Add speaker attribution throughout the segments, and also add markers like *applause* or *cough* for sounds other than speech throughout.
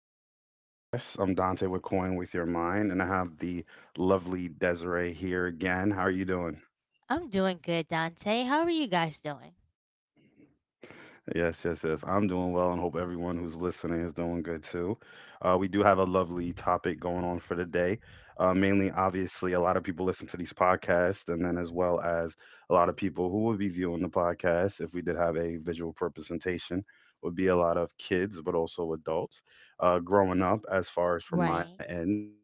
Speaker 1: today's podcast. I'm Dante with Coin with Your Mind, and I have the lovely Desiree here again. How are you doing?
Speaker 2: I'm doing good, Dante. How are you guys doing?
Speaker 1: Yes, yes, yes. I'm doing well and hope everyone who's listening is doing good too. We do have a lovely topic going on for today. Mainly, obviously, a lot of people listen to these podcasts, and then as well as a lot of people who would be viewing the podcast if we did have a visual representation would be a lot of kids, but also adults. Growing up, as far as from my
Speaker 2: Right,
Speaker 1: end,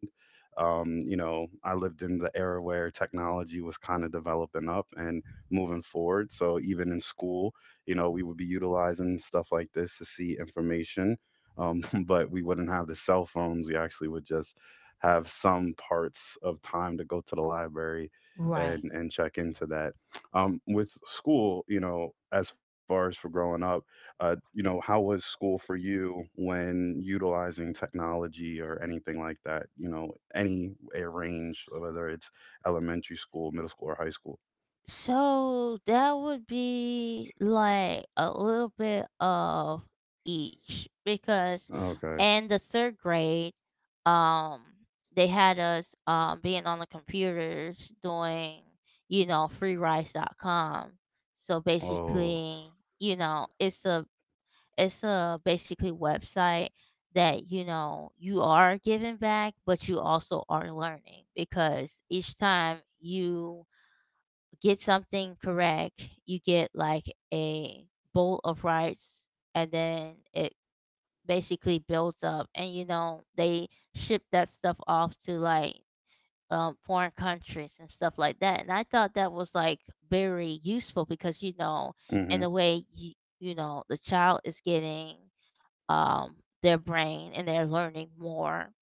Speaker 1: you know, I lived in the era where technology was kind of developing up and moving forward. So even in school, you know, we would be utilizing stuff like this to see information, *laughs* but we wouldn't have the cell phones. We actually would just have some parts of time to go to the library and
Speaker 2: right.
Speaker 1: and check into that. With school, you know, as far as for growing up, you know, how was school for you when utilizing technology or anything like that? You know, any a range, whether it's elementary school, middle school, or high school.
Speaker 2: So that would be like a little bit of each because
Speaker 1: Okay.
Speaker 2: in the third grade, um, they had us being on the computers doing, freerice.com. So
Speaker 1: Oh.
Speaker 2: basically, you know, it's a It's a basically website that you are giving back, but you also are learning because each time you get something correct, you get like a bowl of rice, and then it basically builds up. And they ship that stuff off to like foreign countries and stuff like that. And I thought that was like very useful because,
Speaker 1: Mm-hmm.
Speaker 2: in the way the child is getting um, their brain and they're learning more,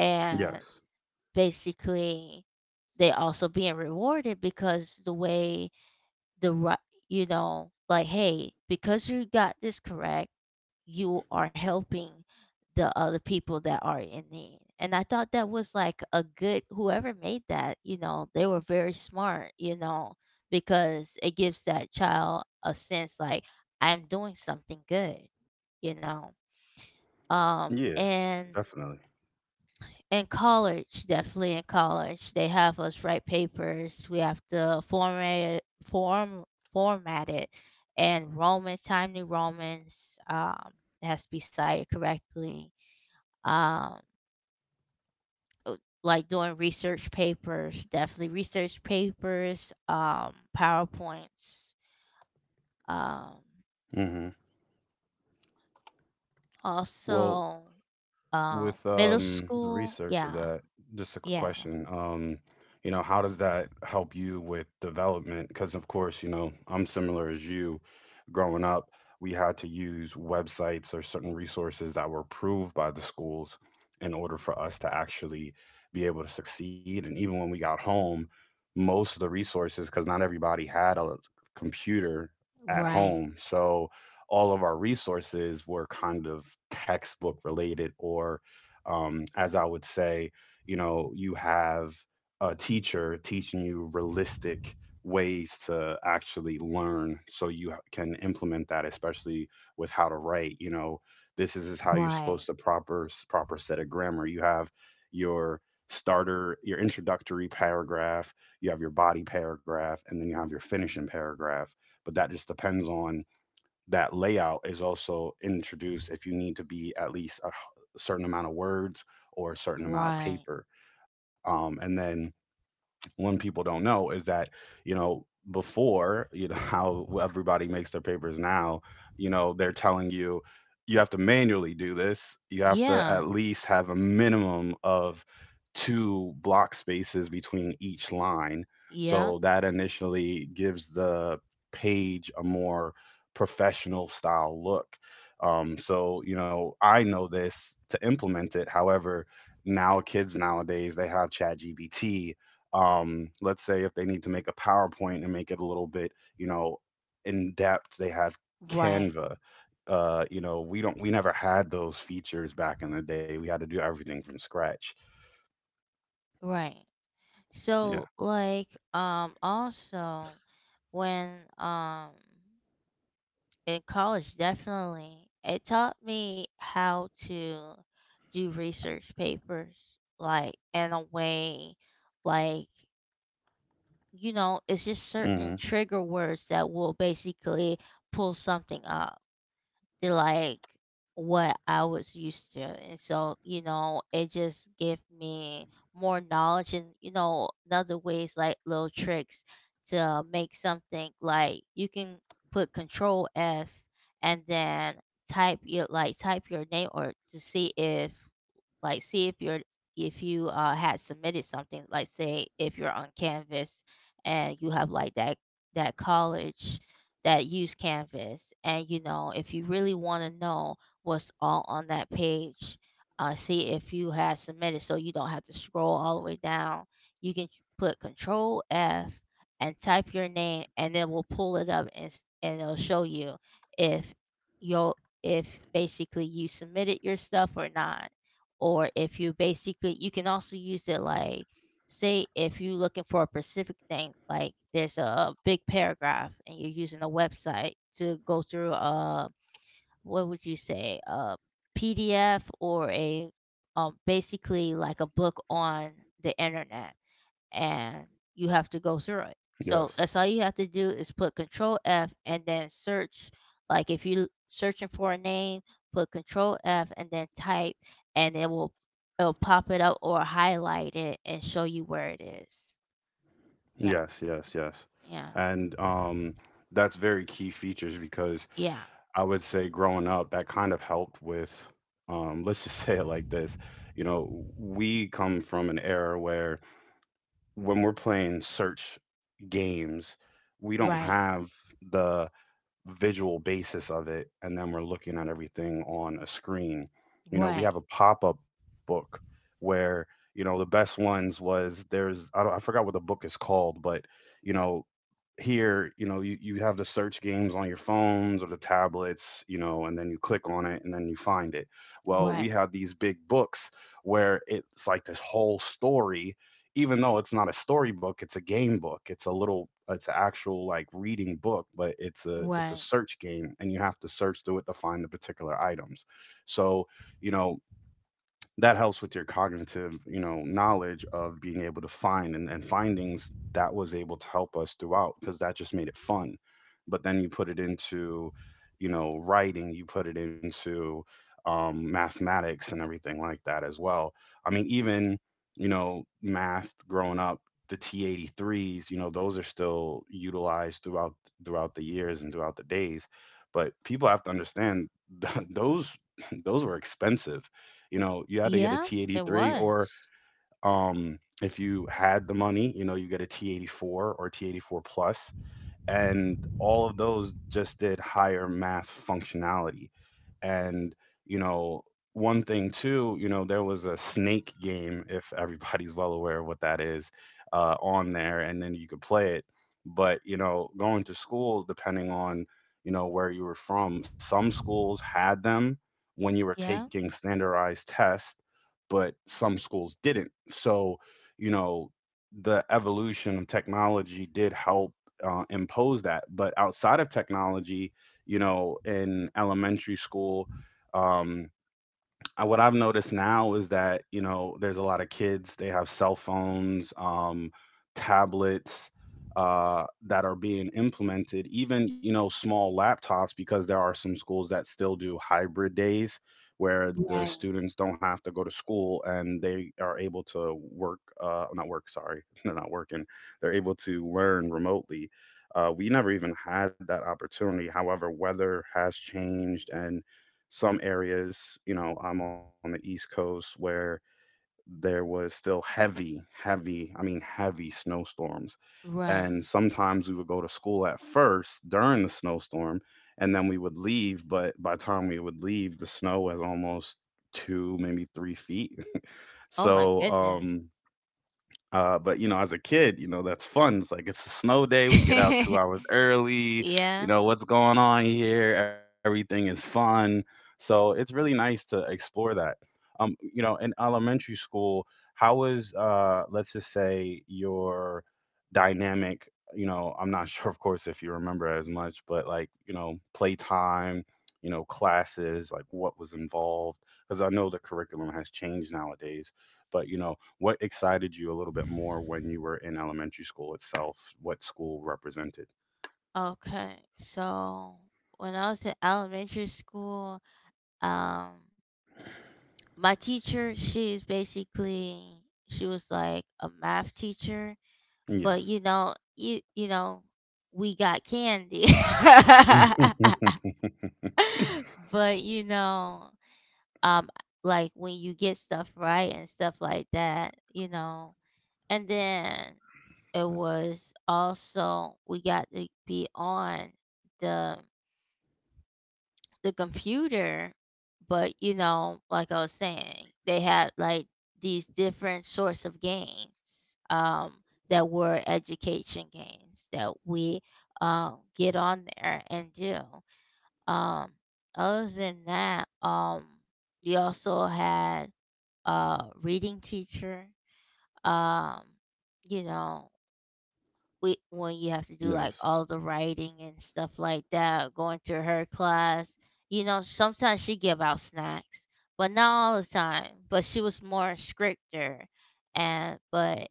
Speaker 2: and
Speaker 1: Yes.
Speaker 2: basically they also being rewarded because the way the ri- like, hey, because you got this correct you are helping the other people that are in need. And I thought that was like a good whoever made that, they were very smart, because it gives that child a sense like I'm doing something good, you know. Um
Speaker 1: Yeah,
Speaker 2: and
Speaker 1: definitely.
Speaker 2: in college, definitely in college, they have us write papers. We have to format it and Romans, Times New Romans, has to be cited correctly, um uh, like doing research papers, definitely research papers, powerpoints, um
Speaker 1: hmm Well,
Speaker 2: also,
Speaker 1: with
Speaker 2: middle
Speaker 1: the
Speaker 2: school.
Speaker 1: research of
Speaker 2: Yeah,
Speaker 1: that, just a quick
Speaker 2: yeah.
Speaker 1: question. You know, how does that help you with development? Because of course, you know, I'm similar as you. Growing up, we had to use websites or certain resources that were approved by the schools in order for us to actually be able to succeed. And even when we got home, most of the resources, because not everybody had a computer at
Speaker 2: Right,
Speaker 1: home, so all of our resources were kind of textbook related or as I would say, you know, you have a teacher teaching you realistic ways to actually learn so you can implement that, especially with how to write. You know, this is how you're supposed
Speaker 2: right,
Speaker 1: to proper set of grammar. You have your starter, your introductory paragraph, you have your body paragraph, and then you have your finishing paragraph. But that just depends on that layout is also introduced if you need to be at least a certain amount of words or a certain amount of
Speaker 2: right.
Speaker 1: paper. And then when people don't know is that, you know, before you know *laughs* how everybody makes their papers now, you know, they're telling you you have to manually do this. You have to
Speaker 2: Yeah,
Speaker 1: at least have a minimum of two block spaces between each line,
Speaker 2: yeah.
Speaker 1: so that initially gives the page a more professional style look. So you know I know this to implement it. However, now kids nowadays, they have ChatGPT. Let's say if they need to make a PowerPoint and make it a little bit, you know, in depth, they have
Speaker 2: Right,
Speaker 1: Canva. You know, we never had those features back in the day. We had to do everything from scratch.
Speaker 2: right.
Speaker 1: Yeah.
Speaker 2: So, like, also when um in college definitely it taught me how to do research papers, like, in a way, like, it's just
Speaker 1: hmm
Speaker 2: certain trigger words that will basically pull something up to like what I was used to. And so, it just gave me more knowledge and, another ways, like little tricks to make something like you can put control F and then type your name, or to see if, see if you're, if you had submitted something, like, say if you're on canvas and you have like that college that use Canvas. And, if you really want to know what's all on that page, see if you had submitted so you don't have to scroll all the way down. You can put Control F and type your name, and then we will pull it up, and, and it'll show you if you if basically you submitted your stuff or not. Or if you basically you can also use it like, say if you're looking for a specific thing, like there's a big paragraph and you're using a website to go through a, what would you say, a PDF or a basically like a book on the internet and you have to go through it. So
Speaker 1: Yes.
Speaker 2: that's all you have to do is put control F and then search. Like if you're searching for a name, put control F and then type, and it will it'll pop it up or highlight it and show you where it is. Yeah.
Speaker 1: Yes. Yes. Yes.
Speaker 2: Yeah.
Speaker 1: And that's very key features because
Speaker 2: Yeah.
Speaker 1: I would say growing up, that kind of helped with, let's just *laughs* say it like this. You know, we come from an era where when we're playing search games, we don't
Speaker 2: Right.
Speaker 1: have the visual basis of it, and then we're looking at everything on a screen. You know, we have
Speaker 2: Right.
Speaker 1: a pop-up book where, you know, the best ones was there's I don't I forgot what the book is called, but you know, here you know you have the search games on your phones or the tablets, you know, and then you click on it and then you find it. Well, we
Speaker 2: Right.
Speaker 1: have these big books where it's like this whole story, even though it's not a storybook, it's a game book. It's a little It's an actual like reading book, but it's a
Speaker 2: Right.
Speaker 1: search game, and you have to search through it to find the particular items. So you know that helps with your cognitive, you know, knowledge of being able to find, and findings that was able to help us throughout because that just made it fun. But then you put it into, you know, writing. You put it into, mathematics and everything like that as well. I mean, even, you know, math growing up, the T83s, you know, those are still utilized throughout the years and throughout the days. But people have to understand *laughs* those those were expensive. You know, you had to get a
Speaker 2: Yeah. It
Speaker 1: T83, or
Speaker 2: was.
Speaker 1: if you had the money, you know, you get a T84 or T84 plus. And all of those just did higher mass functionality and, you know, one thing too, you know, there was a snake game, if everybody's well aware of what that is, on there, and then you could play it. But, you know, going to school, depending on, you know, where you were from, some schools had them when you were
Speaker 2: Yeah.
Speaker 1: taking standardized tests, but some schools didn't. So, you know, the evolution of technology did help impose that. But outside of technology, you know, in elementary school. Um, what I've noticed now is that, you know, there's a lot of kids. They have cell phones, tablets that are being implemented. Even, you know, small laptops, because there are some schools that still do hybrid days where the
Speaker 2: Right.
Speaker 1: students don't have to go to school and they are able to work. Not work. Sorry, *laughs* they're not working. They're able to learn remotely. We never even had that opportunity. However, weather has changed, and some areas, you know, I'm on the East Coast where there was still heavy, heavy, I mean, heavy snowstorms.
Speaker 2: Right.
Speaker 1: And sometimes we would go to school at first during the snowstorm, and then we would leave. But by the time we would leave, the snow was almost two, maybe three feet.
Speaker 2: Oh my
Speaker 1: So,
Speaker 2: goodness.
Speaker 1: but you know, as a kid, you know, that's fun. It's like it's a snow day. We get out two hours
Speaker 2: *laughs*
Speaker 1: early. You
Speaker 2: Yeah.
Speaker 1: know, what's going on here? Everything is fun. So it's really nice to explore that. You know, in elementary school, how was, let's just say, your dynamic? You know, I'm not *laughs* sure, of course, if you remember as much, but like, you know, playtime, you know, classes, like what was involved, because I know the curriculum has changed nowadays. But you know, what excited you a little bit more when you were in elementary school itself? What school represented?
Speaker 2: Okay, so when I was in elementary school, um, my teacher, she's basically she was like a math teacher, but,
Speaker 1: Yes.
Speaker 2: we got candy.
Speaker 1: *laughs*
Speaker 2: *laughs* But, um, like when you get stuff right and stuff like that, and then it was also we got to be on the the computer. But, like I was saying, they had like these different sorts of games, that were education games that we, get on there and do. Um, other than that, we also had a reading teacher. Um, you know, we when you have to do like
Speaker 1: yes.
Speaker 2: all the writing and stuff like that, going to her class. You know, sometimes she give out snacks, but not all the time. But she was more stricter, and but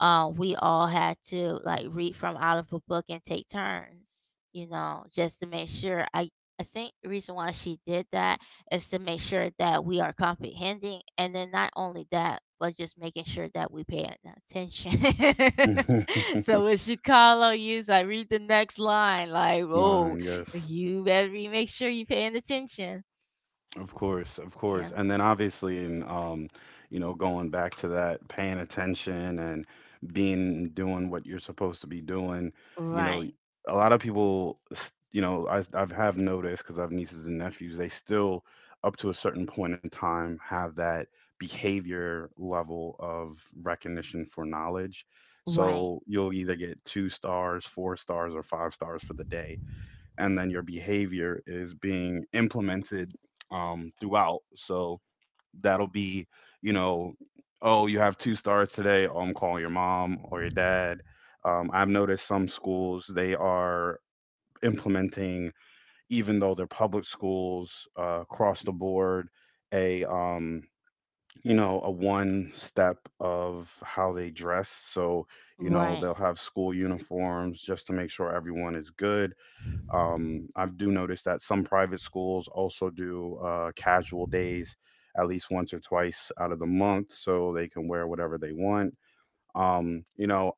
Speaker 2: we all had to like read from out of a book and take turns. You know, just to make sure. I think the reason why she did that is to make sure that we are comprehending, and then not only that, but just making sure that we pay attention. *laughs* *laughs*
Speaker 1: *laughs*
Speaker 2: So when she call on you, so I read the next line, like, oh,
Speaker 1: Nine, yes.
Speaker 2: you better be make sure you paying attention.
Speaker 1: Of course, of course.
Speaker 2: Yeah.
Speaker 1: And then obviously in you know, going back to that paying attention and being doing what you're supposed to be doing, you know,
Speaker 2: Right.
Speaker 1: a lot of people, you know, I I've have noticed because I have nieces and nephews, they still up to a certain point in time have that behavior level of recognition for knowledge.
Speaker 2: Right.
Speaker 1: So you'll either get two stars, four stars, or five stars for the day, and then your behavior is being implemented throughout. So that'll be, you know, oh, you have two stars today. Oh, I'm calling your mom or your dad. I've noticed some schools they are implementing, even though they're public schools across the board, a you know, a one step of how they dress. So you know
Speaker 2: Right.
Speaker 1: they'll have school uniforms just to make sure everyone is good. I do notice that some private schools also do casual days at least once or twice out of the month, so they can wear whatever they want. You know,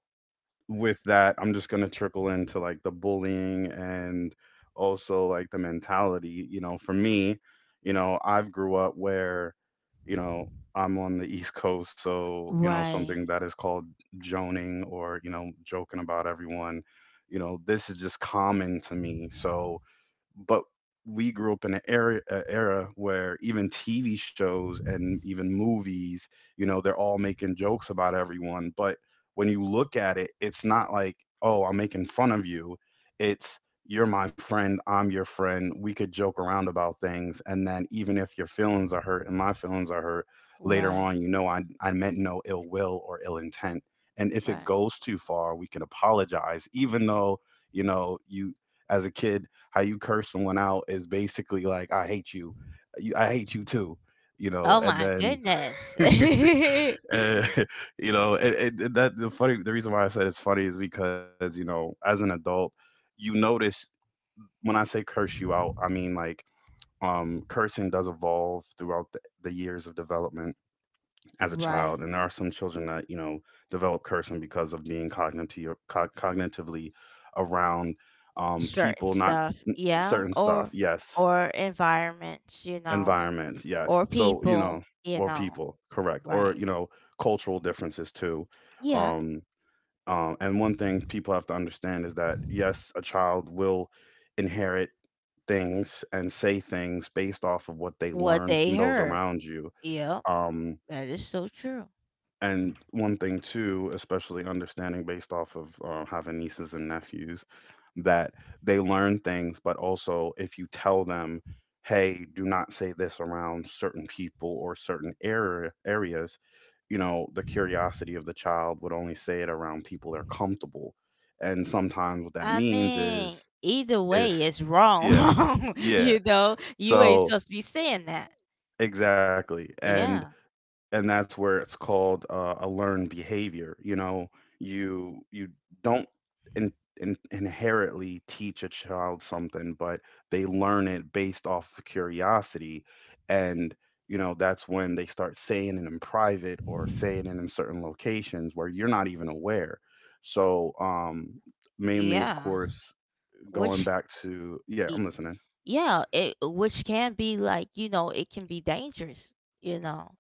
Speaker 1: with that, I'm just gonna trickle into like the bullying and also like the mentality. You know, for me, you know, I've grew up where, you know, I'm on the East Coast, so you know
Speaker 2: Right.
Speaker 1: something that is called joning, or you know, joking about everyone. You know, this is just common to me, so but we grew up in an era a era where even TV shows and even movies, you know, they're all making jokes about everyone. But when you look at it, it's not like, oh, I'm making fun of you. It's you're my friend, I'm your friend. We could joke around about things, and then even if your feelings are hurt and my feelings are hurt, later
Speaker 2: Right.
Speaker 1: on, you know, I meant no ill will or ill intent. And if it
Speaker 2: Right.
Speaker 1: goes too far, we can apologize, even though you know you, as a kid, how you curse someone out is basically like, I hate you. You I hate you too. You know,
Speaker 2: Oh
Speaker 1: and
Speaker 2: my
Speaker 1: then,
Speaker 2: goodness.
Speaker 1: *laughs* uh, *laughs* you know, and the reason why I said it's funny is because, you know, as an adult, you notice when I say curse you out, I mean like, cursing does evolve throughout the years of development as a
Speaker 2: *laughs* Right.
Speaker 1: child. And there are some children that, you know, develop cursing because of being cognitively around
Speaker 2: Certain
Speaker 1: people, not
Speaker 2: stuff. Yeah.
Speaker 1: certain stuff.
Speaker 2: Or
Speaker 1: Yes,
Speaker 2: or environments,
Speaker 1: environments, yes,
Speaker 2: or
Speaker 1: so you know,
Speaker 2: people, you
Speaker 1: or
Speaker 2: know.
Speaker 1: people, correct, or
Speaker 2: Right.
Speaker 1: you know, cultural differences too.
Speaker 2: Yeah.
Speaker 1: um, and one thing people have to understand is that yes, a child will inherit things and say things based off of what they
Speaker 2: What
Speaker 1: learn from
Speaker 2: they
Speaker 1: those
Speaker 2: heard.
Speaker 1: around you.
Speaker 2: Yep.
Speaker 1: Um.
Speaker 2: That is so true.
Speaker 1: And one thing too, especially understanding based off of having nieces and nephews, that they learn things, but also if you tell them, hey, do not say this around certain people or certain areas, you know, the curiosity of the child would only say it around people they're comfortable. And sometimes what that
Speaker 2: I
Speaker 1: means
Speaker 2: mean,
Speaker 1: is,
Speaker 2: either
Speaker 1: is
Speaker 2: way, it's
Speaker 1: *laughs* yeah,
Speaker 2: wrong. *laughs*
Speaker 1: yeah.
Speaker 2: You ain't
Speaker 1: So
Speaker 2: supposed to be saying that.
Speaker 1: exactly. And
Speaker 2: Yeah,
Speaker 1: and that's where it's called a learned behavior, you know. You don't in, inherently teach a child something, but they learn it based off of curiosity. And you know, that's when they start saying it in private or saying it in certain locations where you're not even aware. So mainly of
Speaker 2: yeah.
Speaker 1: course, going
Speaker 2: Which,
Speaker 1: back to, yeah,
Speaker 2: y-
Speaker 1: I'm listening.
Speaker 2: yeah, it which can be, like, it can be dangerous. You know,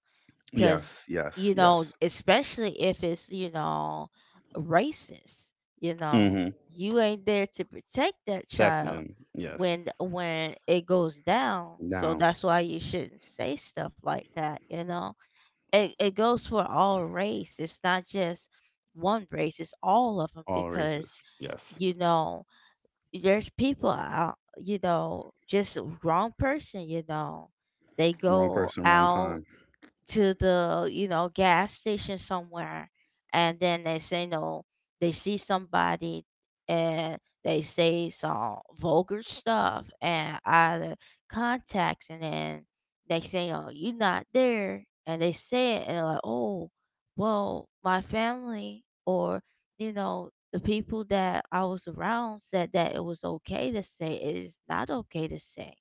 Speaker 2: because
Speaker 1: Yes, yes, yes.
Speaker 2: especially if it's, racist. You know,
Speaker 1: Mm-hmm.
Speaker 2: you ain't there to protect that
Speaker 1: Tech
Speaker 2: child
Speaker 1: them, yes.
Speaker 2: when it goes down. So
Speaker 1: Now.
Speaker 2: that's why you shouldn't say stuff like that. You know it, goes for all race. It's not just one race. It's all of them
Speaker 1: All
Speaker 2: because
Speaker 1: races. Yes.
Speaker 2: you know there's people out. You know, just wrong person. You know, they
Speaker 1: Wrong
Speaker 2: go
Speaker 1: person, wrong
Speaker 2: out
Speaker 1: time.
Speaker 2: to the, gas station somewhere, and then they say, no, they see somebody, and they say some vulgar stuff and out of context. And then they say, oh, you're not there, and they say it, and they're like, oh, well, my family, or, the people that I was around said that it was okay to say. It is not okay to say,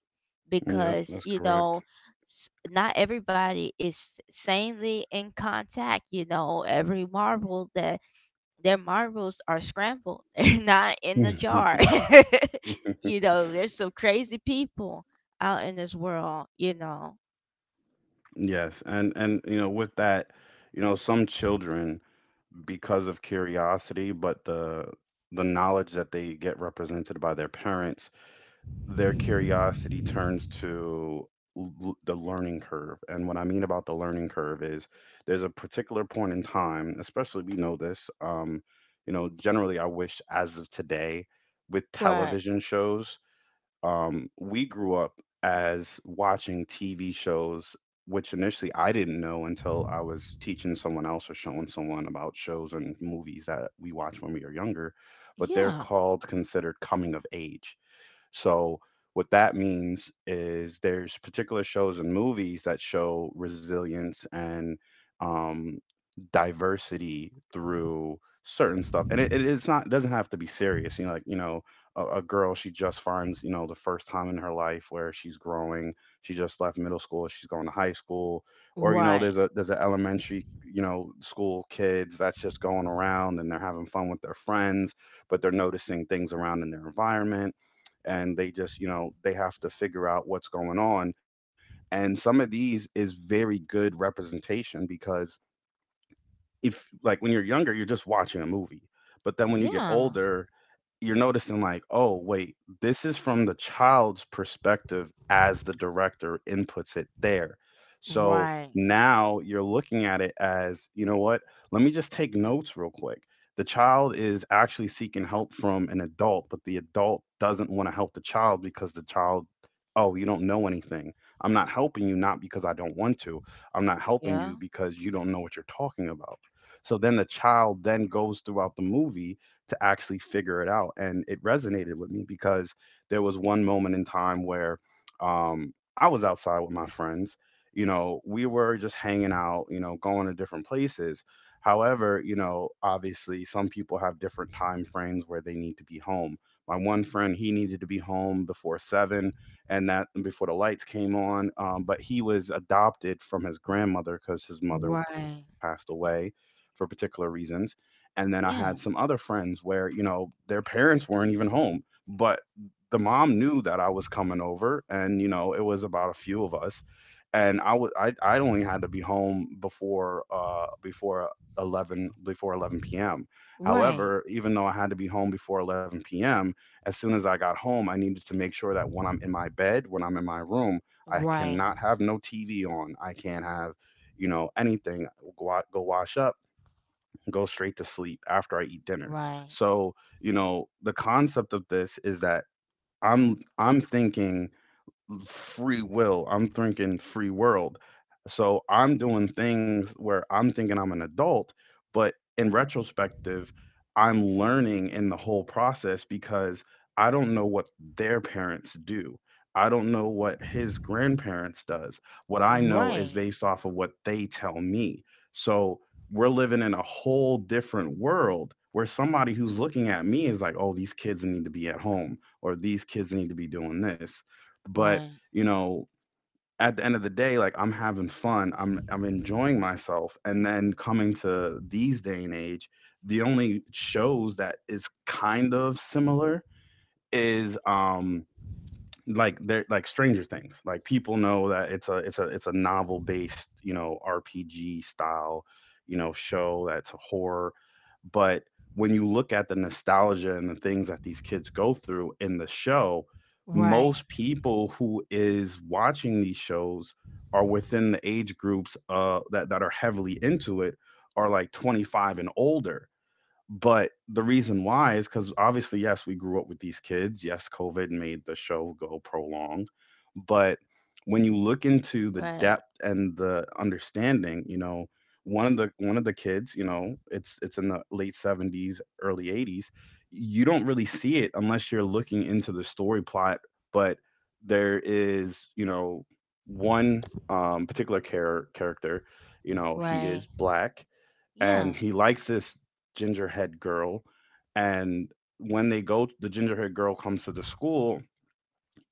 Speaker 1: Yep,
Speaker 2: because,
Speaker 1: that's correct.
Speaker 2: not everybody is sanely in contact. You know, every marble that their marbles are scrambled. *laughs* They're not in the jar.
Speaker 1: *laughs*
Speaker 2: *laughs* There's some crazy people out in this world. You know,
Speaker 1: Yes, and you know, with that, you know, some children, because of curiosity, but the knowledge that they get represented by their parents, their curiosity turns to l- the learning curve. And what I mean about the learning curve is there's a particular point in time, especially we know this, you know, generally, I wish as of today with
Speaker 2: right?
Speaker 1: television shows, we grew up as watching TV shows, which initially I didn't know until I was teaching someone else or showing someone about shows and movies that we watched when we were younger. But they're
Speaker 2: Yeah,
Speaker 1: called considered coming of age. So what that means is there's particular shows and movies that show resilience and um, diversity through certain stuff. And it's not doesn't have to be serious, you know, like, you know, a girl, she just finds, you know, the first time in her life where she's growing. She just left middle school, she's going to high school. Or you know,
Speaker 2: right.
Speaker 1: there's an elementary, you know, school kids that's just going around and they're having fun with their friends, but they're noticing things around in their environment, and they just, you know, they have to figure out what's going on. And some of these is very good representation, because if, like, when you're younger, you're just watching a movie. But then when you get
Speaker 2: Yeah,
Speaker 1: older, you're noticing like, oh, wait, this is from the child's perspective as the director inputs it there. So
Speaker 2: right.
Speaker 1: now you're looking at it as, you know what, let me just take notes real quick. The child is actually seeking help from an adult, but the adult doesn't want to help the child because the child, oh, you don't know anything. I'm not helping you, not because I don't want to. I'm not helping
Speaker 2: Yeah,
Speaker 1: you because you don't know what you're talking about. So then the child then goes throughout the movie to actually figure it out. And it resonated with me because there was one moment in time where I was outside with my friends. You know, we were just hanging out, you know, going to different places. However, you know, obviously some people have different time frames where they need to be home. My one friend, he needed to be home before seven, and that before the lights came on. But he was adopted from his grandmother because his mother passed
Speaker 2: right.
Speaker 1: away for particular reasons, and then I had some
Speaker 2: Yeah,
Speaker 1: other friends where, you know, their parents weren't even home, but the mom knew that I was coming over and, you know, it was about a few of us. And I was I only had to be home before 11 p.m.
Speaker 2: right.
Speaker 1: However, even though I had to be home before 11 p.m., as soon as I got home, I needed to make sure that when I'm in my bed, when I'm in my room, I
Speaker 2: Right.
Speaker 1: cannot have no TV on. I can't have, you know, anything. Go wash up, go straight to sleep after I eat dinner.
Speaker 2: Right.
Speaker 1: So, you know, the concept of this is that I'm thinking free will. I'm thinking free world. So I'm doing things where I'm thinking I'm an adult, but in retrospective, I'm learning in the whole process because I don't know what their parents do. I don't know what his grandparents does. What I know is
Speaker 2: Right.
Speaker 1: based off of what they tell me. So we're living in a whole different world where somebody who's looking at me is like, "Oh, these kids need to be at home or these kids need to be doing this." But
Speaker 2: Right.
Speaker 1: you know, at the end of the day, like, I'm having fun, I'm enjoying myself. And then, coming to these day and age, the only shows that is kind of similar is like Stranger Things. Like, people know that it's a novel based, you know, RPG style, you know, show that's horror. But when you look at the nostalgia and the things that these kids go through in the show,
Speaker 2: Right.
Speaker 1: most people who is watching these shows are within the age groups that are heavily into it, are like 25 and older. But the reason why is because obviously, yes, we grew up with these kids. Yes, COVID made the show go prolong. But when you look into the
Speaker 2: Right.
Speaker 1: depth and the understanding, you know, one of the kids, you know, it's in the late 70s, early 80s. You don't really see it unless you're looking into the story plot, but there is, you know, one particular character, you know, he is
Speaker 2: Right.
Speaker 1: black, and
Speaker 2: Yeah.
Speaker 1: he likes this gingerhead girl. And when they go the gingerhead girl comes to the school,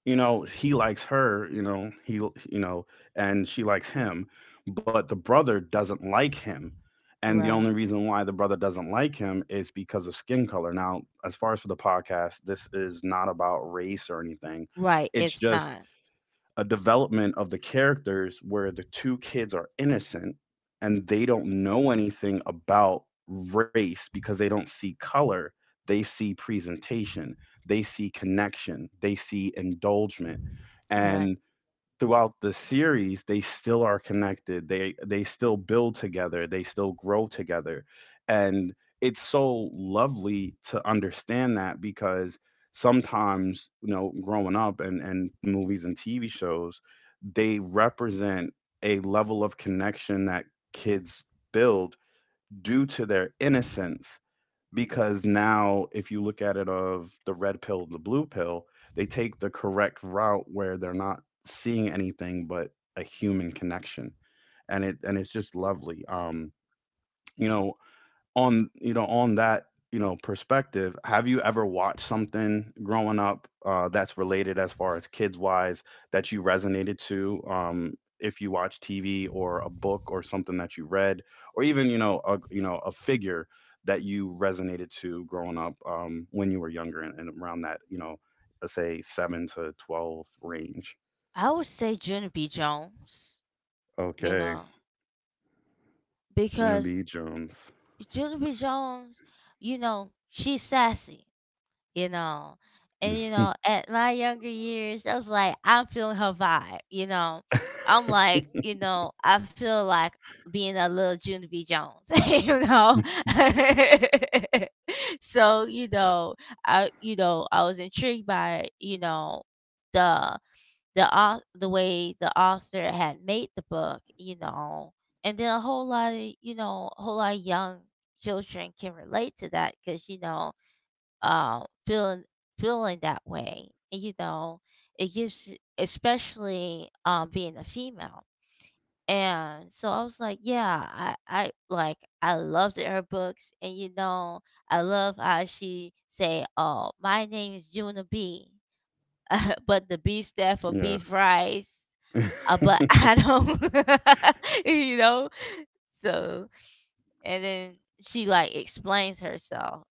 Speaker 1: you know, he likes her, you know, know and she likes him, but the brother doesn't like him. And the only
Speaker 2: Right.
Speaker 1: reason why the brother doesn't like him is because of skin color. Now, as far as for the podcast, this is not about race or anything.
Speaker 2: Right,
Speaker 1: It's
Speaker 2: it's
Speaker 1: just
Speaker 2: not.
Speaker 1: a development of the characters where the two kids are innocent, and they don't know anything about race because they don't see color. They see presentation, they see connection, they see indulgement. And
Speaker 2: Right.
Speaker 1: throughout the series, they still are connected, they still build together, they still grow together. And it's so lovely to understand that, because sometimes, you know, growing up and movies and TV shows, they represent a level of connection that kids build due to their innocence, because now, if you look at it, of the red pill, the blue pill, they take the correct route where they're not seeing anything but a human connection. And it's just lovely. You know, on that, you know, perspective, have you ever watched something growing up, that's related as far as kids wise, that you resonated to? If you watch TV or a book or something that you read, or even, you know, a figure that you resonated to growing up, when you were younger, and, around that, you know, let's say 7 to 12 range.
Speaker 2: I would say Jenna B. Jones, you
Speaker 1: Okay.
Speaker 2: know,
Speaker 1: Gina
Speaker 2: because
Speaker 1: b jones. *laughs*
Speaker 2: Jenna B. Jones, she's sassy, you know. And, at my younger years, I was like, I'm feeling her vibe. I'm like, I feel like being a little Jenna B. Jones. *laughs* *laughs* So, I was intrigued by, the the way the author had made the book, and then, a whole lot of young children can relate to that because, um feeling feeling that way, and, it gives, especially, being a female. And so I was like, yeah, I loved her books. And, I love how she say, "Oh, my name is Juna B," *laughs* but the B stand for beef
Speaker 1: Yes.
Speaker 2: rice, but *laughs* I
Speaker 1: *laughs*
Speaker 2: don't. *laughs* So and then she, like, explains herself.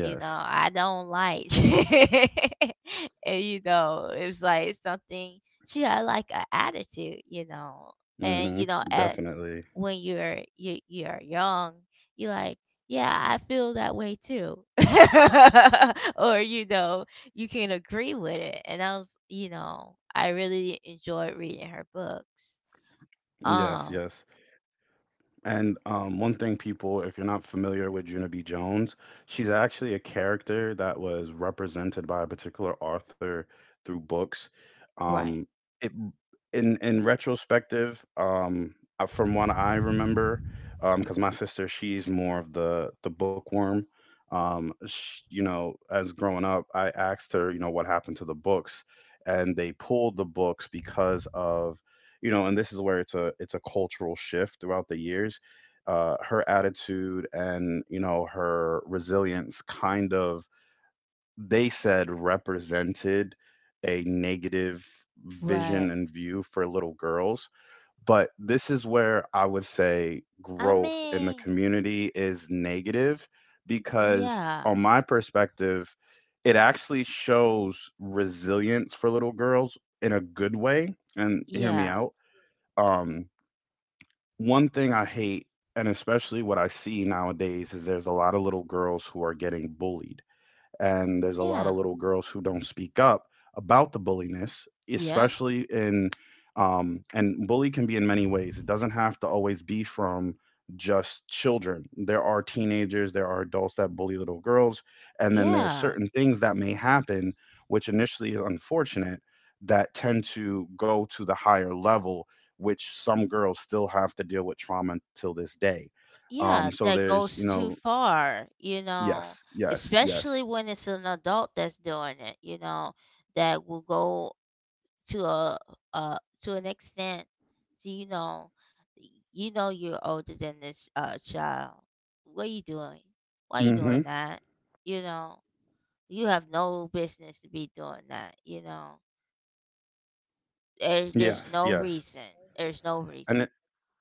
Speaker 2: You know,
Speaker 1: Yes.
Speaker 2: I don't, like, *laughs* and, it was like something she had, like, an attitude. And,
Speaker 1: Mm-hmm,
Speaker 2: at
Speaker 1: definitely.
Speaker 2: when you're you're young, you, like. Yeah, I feel that way too. *laughs* Or, you can agree with it. And I was, you know, I really enjoyed reading her books.
Speaker 1: Yes, yes.
Speaker 2: Um,
Speaker 1: And one thing, people, if you're not familiar with Juno B. Jones, she's actually a character that was represented by a particular author through books.
Speaker 2: right,
Speaker 1: Um, it In retrospective, from what I remember, because my sister, she's more of the bookworm. Sh You know, as growing up, I asked her, you know, what happened to the books, and they pulled the books because of, you know. And this is where it's a cultural shift throughout the years. Her attitude and, you know, her resilience kind of, they said, represented a negative vision
Speaker 2: right.
Speaker 1: and view for little girls. But this is where I would say
Speaker 2: I
Speaker 1: growth in the
Speaker 2: mean,
Speaker 1: community is negative, because
Speaker 2: yeah,
Speaker 1: on my perspective, it actually shows resilience for little girls in a good way. And hear me
Speaker 2: yeah,
Speaker 1: out. um One thing I hate, and especially what I see nowadays, is there's a lot of little girls who are getting bullied, and there's a lot of
Speaker 2: yeah,
Speaker 1: little girls who don't speak up about the bulliness,
Speaker 2: yeah,
Speaker 1: especially in. And bully can be in many ways. It doesn't have to always be from just children. There are teenagers, there are adults that bully little girls, and then there are
Speaker 2: yeah,
Speaker 1: certain things that may happen, which initially is unfortunate, that tend to go to the higher level, which some girls still have to deal with trauma till this day.
Speaker 2: yeah.
Speaker 1: So
Speaker 2: That
Speaker 1: there's, you
Speaker 2: goes too
Speaker 1: know,
Speaker 2: far,
Speaker 1: yes, yes,
Speaker 2: especially
Speaker 1: yes.
Speaker 2: when it's an adult that's doing it, that will go to a, to an extent, to you know y- you know you're older than this child. What are you doing? Why are you
Speaker 1: Mm-hmm.
Speaker 2: doing that? You know, you have no business to be doing that. There's
Speaker 1: Yes,
Speaker 2: no
Speaker 1: yes.
Speaker 2: reason. There's no
Speaker 1: And
Speaker 2: reason.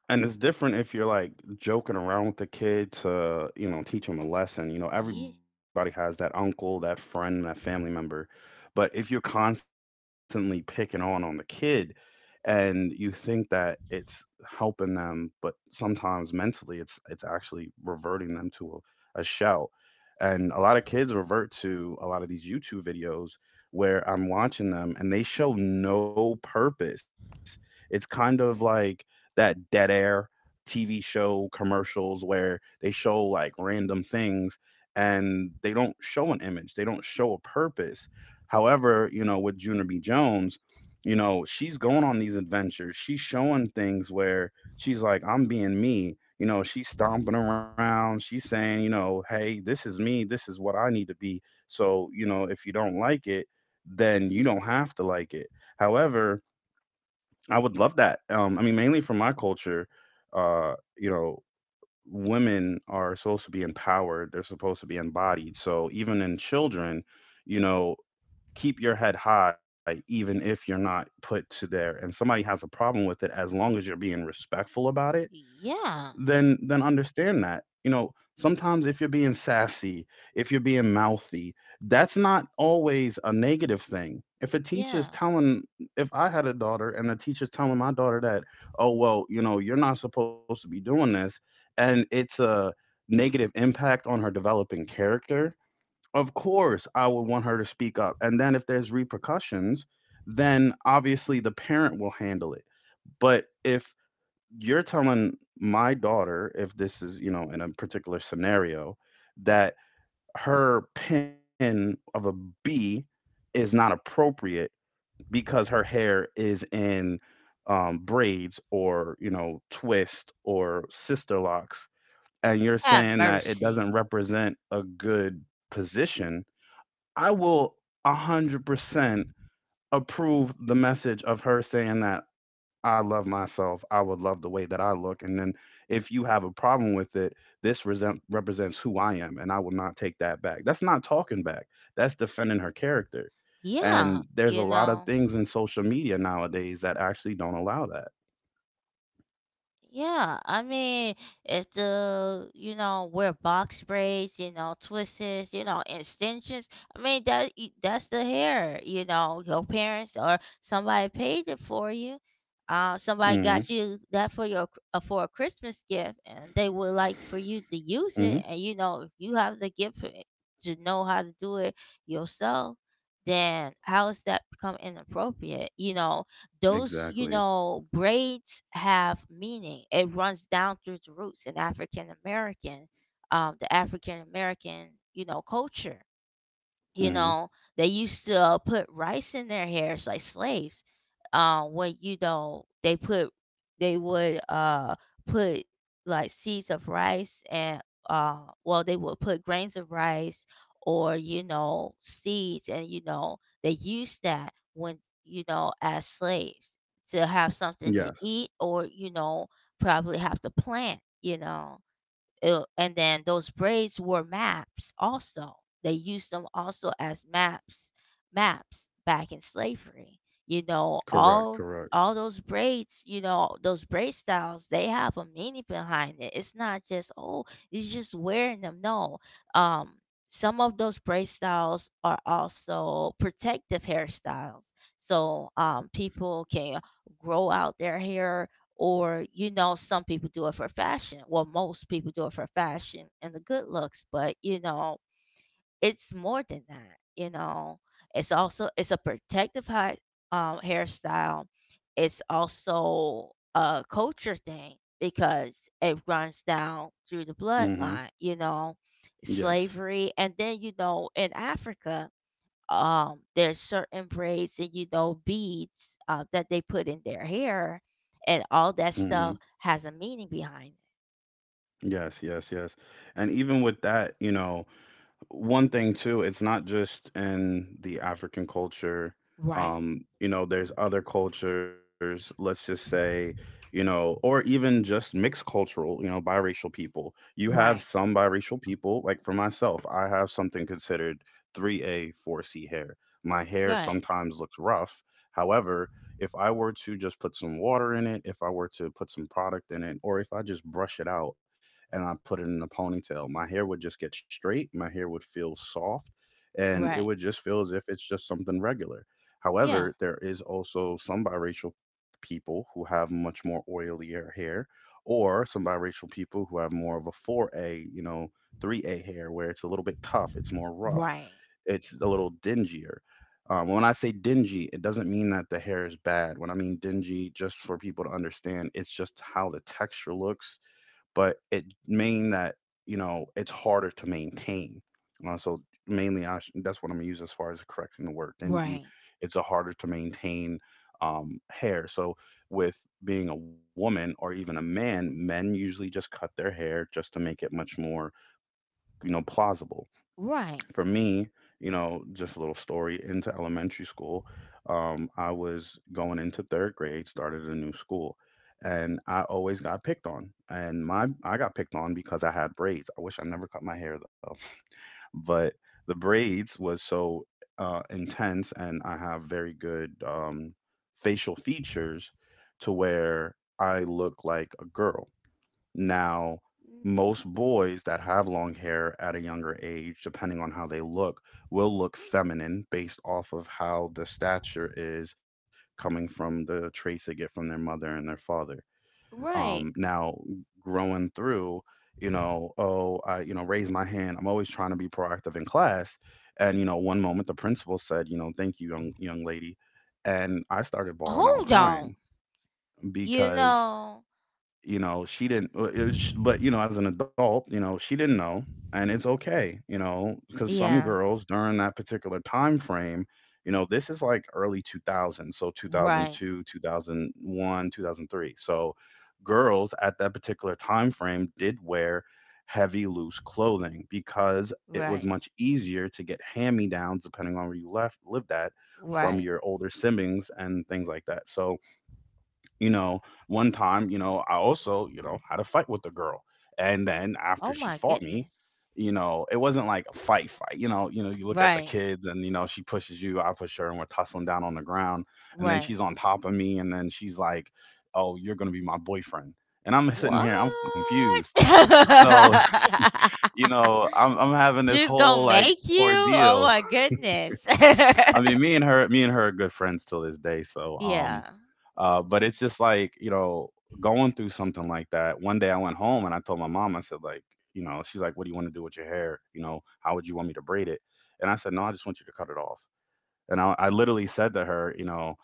Speaker 1: and it's different if you're like joking around with the kid to, you know, teach them a lesson. You know, everybody
Speaker 2: Ye-
Speaker 1: has that uncle, that friend, that family member. But if you're constantly picking on the kid and you think that it's helping them, but sometimes mentally it's actually reverting them to a shell. And a lot of kids revert to a lot of these YouTube videos where I'm watching them and they show no purpose. It's kind of like that dead air TV show commercials where they show like random things and they don't show an image, they don't show a purpose. However, you know, with Junior B. Jones, you know, she's going on these adventures. She's showing things where she's like, I'm being me. You know, she's stomping around. She's saying, you know, hey, this is me. This is what I need to be. So, you know, if you don't like it, then you don't have to like it. However, I would love that. I mean, mainly from my culture, you know, women are supposed to be empowered. They're supposed to be embodied. So even in children, you know, keep your head high, even if you're not put to there. And somebody has a problem with it, as long as you're being respectful about it,
Speaker 2: Yeah,
Speaker 1: then understand that, you know, sometimes if you're being sassy, if you're being mouthy, that's not always a negative thing if a teacher's
Speaker 2: yeah.
Speaker 1: telling, if I had a daughter and a teacher's telling my daughter that, oh well, you know, you're not supposed to be doing this, and it's a negative impact on her developing character, of course I would want her to speak up, and then if there's repercussions, then obviously the parent will handle it. But if you're telling my daughter, if this is, you know, in a particular scenario, that her pin of a B is not appropriate because her hair is in braids or, you know, twist or sister locks, and you're
Speaker 2: Have
Speaker 1: saying that it doesn't
Speaker 2: mercy.
Speaker 1: represent a good position, I will 100% approve the message of her saying that I love myself. I would love the way that I look. And then if you have a problem with it, this represents who I am, and I will not take that back. That's not talking back, that's defending her character.
Speaker 2: Yeah,
Speaker 1: And there's a
Speaker 2: you
Speaker 1: lot of
Speaker 2: know.
Speaker 1: things in social media nowadays that actually don't allow that.
Speaker 2: Yeah, I mean, if the, wear box braids, twists, extensions. I mean that's the hair. Your parents or somebody paid it for you. Somebody
Speaker 1: Hmm.
Speaker 2: got you that for your for a Christmas gift, and they would like for you to use it.
Speaker 1: Hmm.
Speaker 2: And, if you have the gift for it, to know how to do it yourself, then how is that become inappropriate? Those,
Speaker 1: Exactly.
Speaker 2: braids have meaning. It runs down through the roots in African American, the African American, culture. you
Speaker 1: Hmm.
Speaker 2: know they used to, put rice in their hairs like slaves, when, they would put like seeds of rice, and uh well, they would put grains of rice, or, seeds. And, they used that when, as slaves, to have something to
Speaker 1: Yes.
Speaker 2: eat, or, probably have to plant, Ew. And then those braids were maps also. They used them also as maps, maps back in slavery. You know,
Speaker 1: Correct.
Speaker 2: all
Speaker 1: Correct.
Speaker 2: all those braids, those braid styles, they have a meaning behind it. It's not just, "Oh, you're just wearing them." No. Um, some of those braid styles are also protective hairstyles. So, people can grow out their hair, or some people do it for fashion. Well, most people do it for fashion and the good looks. But it's more than that. It's also, it's a protective hairstyle. It's also a culture thing because it runs down through the
Speaker 1: Hmm.
Speaker 2: bloodline,
Speaker 1: Yes.
Speaker 2: slavery, and then in Africa, there's certain braids and beads that they put in their hair, and all that
Speaker 1: Hmm.
Speaker 2: stuff has a meaning behind it.
Speaker 1: Yes. Yes. Yes. And even with that, you know, one thing too, it's not just in the African culture.
Speaker 2: Right,
Speaker 1: Um, you know, there's other cultures. Let's just say, you know, or even just mixed cultural, you know, biracial people. You have
Speaker 2: right,
Speaker 1: some biracial people like, for myself, I have something considered 3a 4c hair. My hair
Speaker 2: right,
Speaker 1: sometimes looks rough. However, if I were to just put some water in it, if I were to put some product in it, or if I just brush it out and I put it in a ponytail, my hair would just get straight, my hair would feel soft, and it
Speaker 2: right.
Speaker 1: would just feel as if it's just something regular.
Speaker 2: Yeah.
Speaker 1: However, there is also some biracial people who have much more oilier hair, or some biracial people who have more of a 4A, you know, 3A hair where it's a little bit tough, it's more rough,
Speaker 2: Right,
Speaker 1: it's a little dingier. When I say dingy, it doesn't mean that the hair is bad. When I mean dingy, just for people to understand, it's just how the texture looks, but it mean that, you know, it's harder to maintain. So mainly, that's what I'm gonna use as far as correcting the word dingy.
Speaker 2: right,
Speaker 1: It's a harder to maintain hair. So with being a woman or even a man, men usually just cut their hair just to make it much more, you know, plausible.
Speaker 2: right.
Speaker 1: For me, you know, just a little story into elementary school. I was going into third grade, started a new school, and I always got picked on. And my I got picked on because I had braids. I wish I never cut my hair though, *laughs* but the braids was so intense, and I have very good facial features to where I look like a girl. Now,
Speaker 2: n-
Speaker 1: most boys that have long hair at a younger age, depending on how they look, will look feminine based off of how the stature is coming from the traits they get from their mother and their father.
Speaker 2: right.
Speaker 1: Now, growing through, you know, oh, you know, raise my hand. I'm always trying to be proactive in class. And, you know, one moment the principal said, you know, thank you, young lady. And I started bawling out
Speaker 2: Hold on.
Speaker 1: crying
Speaker 2: You
Speaker 1: because,
Speaker 2: know.
Speaker 1: you know, she didn't, but you know, as an adult, you know, she didn't know, and it's okay, you know, because some
Speaker 2: Yeah.
Speaker 1: girls during that particular time frame, you know, this is like early 2000s, so
Speaker 2: Right,
Speaker 1: 2002, 2001, 2003. So girls at that particular time frame did wear heavy loose clothing because it was
Speaker 2: right,
Speaker 1: much easier to get hand me downs depending on where you left lived at, from
Speaker 2: right.
Speaker 1: your older siblings and things like that. So, you know, one time, you know, I also, you know, had a fight with the girl, and then
Speaker 2: Oh
Speaker 1: after she
Speaker 2: my
Speaker 1: fought me,
Speaker 2: goodness.
Speaker 1: you know, it wasn't like a fight fight. You know, you know, you look at the
Speaker 2: Right,
Speaker 1: kids and, you know, she pushes you, I push her, and we're tussling down on the ground, and then
Speaker 2: right.
Speaker 1: she's on top of me, and then she's like, oh, you're going to be my boyfriend, and I'm sitting
Speaker 2: What?
Speaker 1: here, I'm confused. So *laughs* you know i'm
Speaker 2: *laughs*
Speaker 1: i'm having this
Speaker 2: She's
Speaker 1: whole
Speaker 2: gonna
Speaker 1: like
Speaker 2: make you? Oh
Speaker 1: ordeal.
Speaker 2: my goodness. *laughs*
Speaker 1: I mean, me and her are good friends till this day.
Speaker 2: Yeah.
Speaker 1: But it's just like, you know, going through something like that. One day I went home and I told my mom, I said, like, you know, she's like, what do you want to do with your hair? You know, how would you want me to braid it? And I said, no, I just want you to cut it off. And I literally said to her, you know,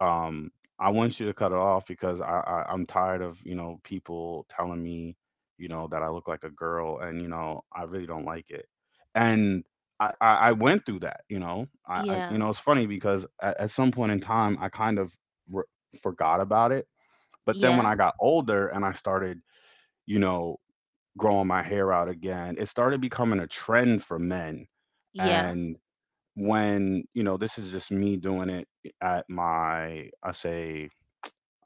Speaker 1: um I want you to cut it off because I'm tired of, you know, people telling me, you know, that I look like a girl, and you know, I really don't like it. And I went through that. You know, I, you
Speaker 2: Yeah,
Speaker 1: know, it's funny because at some point in time, I kind of re- forgot about it. But then when
Speaker 2: yeah,
Speaker 1: I got older and I started, you know, growing my hair out again, it started becoming a trend for men.
Speaker 2: yeah,
Speaker 1: And when, you know, this is just me doing it, at my I say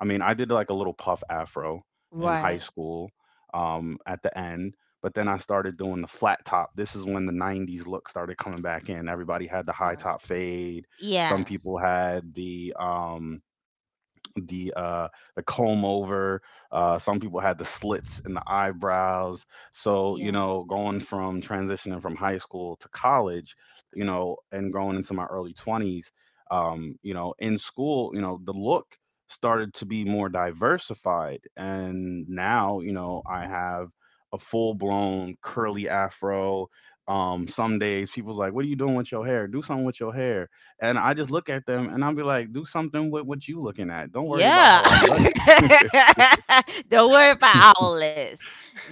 Speaker 1: I mean, I did like a little puff afro in high
Speaker 2: Right.
Speaker 1: school at the end, but then I started doing the flat top. This is when the 90s look started coming back in. Everybody had the high
Speaker 2: Sorry.
Speaker 1: top fade. Some
Speaker 2: Yeah,
Speaker 1: people had the the uh the comb over, some people had the slits in the eyebrows. So, you
Speaker 2: yeah,
Speaker 1: know, going from transitioning from high school to college, you know, and going into my early 20s. You know, in school, you know, the look started to be more diversified, and now, you know, I have a full blown curly afro. Um, some days people's like, what are you doing with your hair, do something with your hair, and I just look at them and I'll be like, do something with what you looking at. Don't worry about
Speaker 2: yeah.
Speaker 1: how I look.
Speaker 2: *laughs* Don't worry about all this.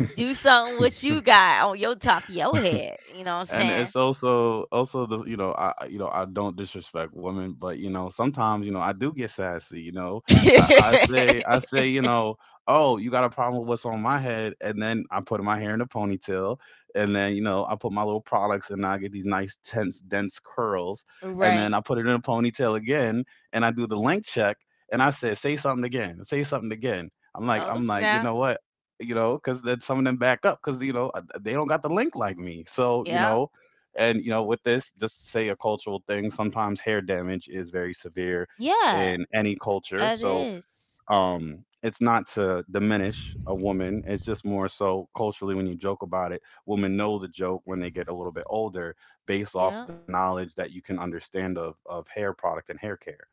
Speaker 2: Do something what you got on your top of your head. You
Speaker 1: *laughs*
Speaker 2: know what
Speaker 1: And
Speaker 2: I'm
Speaker 1: it's also the, you know, you know, I don't disrespect women, but you know, sometimes, you know, I do get sassy. You know,
Speaker 2: saying?
Speaker 1: I
Speaker 2: *laughs*
Speaker 1: say, you know, oh, you got a problem with what's on my head, and then I put my hair in a ponytail, and then, you know, I put my little products, and I get these nice tense dense curls, and
Speaker 2: Right.
Speaker 1: then I put it in a ponytail again, and I do the length check, and I said say something again, say something again.
Speaker 2: Oh,
Speaker 1: I'm like, you
Speaker 2: snap.
Speaker 1: know what, you know, because then some of them back up because, you know, they don't got the link like me. So you
Speaker 2: Yeah.
Speaker 1: know, and you know, with this, just to say a cultural thing. Sometimes hair damage is very severe
Speaker 2: Yeah.
Speaker 1: in any culture.
Speaker 2: It
Speaker 1: So
Speaker 2: is.
Speaker 1: it's not to diminish a woman. It's just more so culturally when you joke about it, women know the joke when they get a little bit older, based off
Speaker 2: Yep.
Speaker 1: the knowledge that you can understand of hair product and hair care.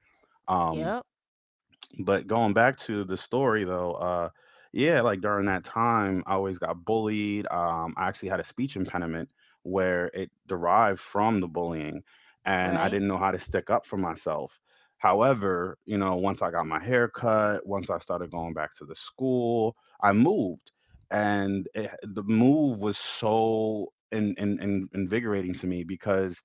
Speaker 1: Um,
Speaker 2: Yep.
Speaker 1: but going back to the story though, yeah, like during that time, I always got bullied. I actually had a speech impediment where it derived from the bullying, and I
Speaker 2: Right,
Speaker 1: didn't know how to stick up for myself. However, you know, once I got my hair cut, once I started going back to the school, I moved, and the move was so invigorating to me because,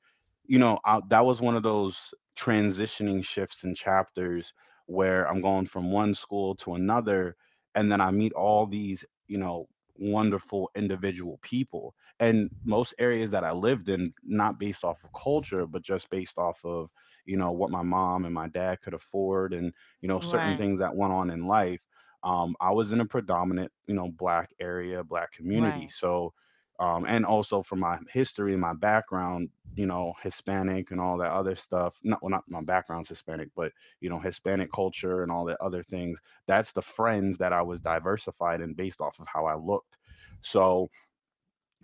Speaker 1: you know, that was one of those transitioning shifts and chapters where I'm going from one school to another, and then I meet all these, you know, wonderful individual people. And most areas that I lived in, not based off of culture, but just based off of, you know, what my mom and my dad could afford and, you know, certain
Speaker 2: right,
Speaker 1: things that went on in life. I was in a predominant, you know, black area, black community.
Speaker 2: right,
Speaker 1: So and also from my history and my background, you know, Hispanic and all that other stuff. Not well, not my background's Hispanic, but you know, Hispanic culture and all the other things. That's the friends that I was diversified in based off of how I looked. So,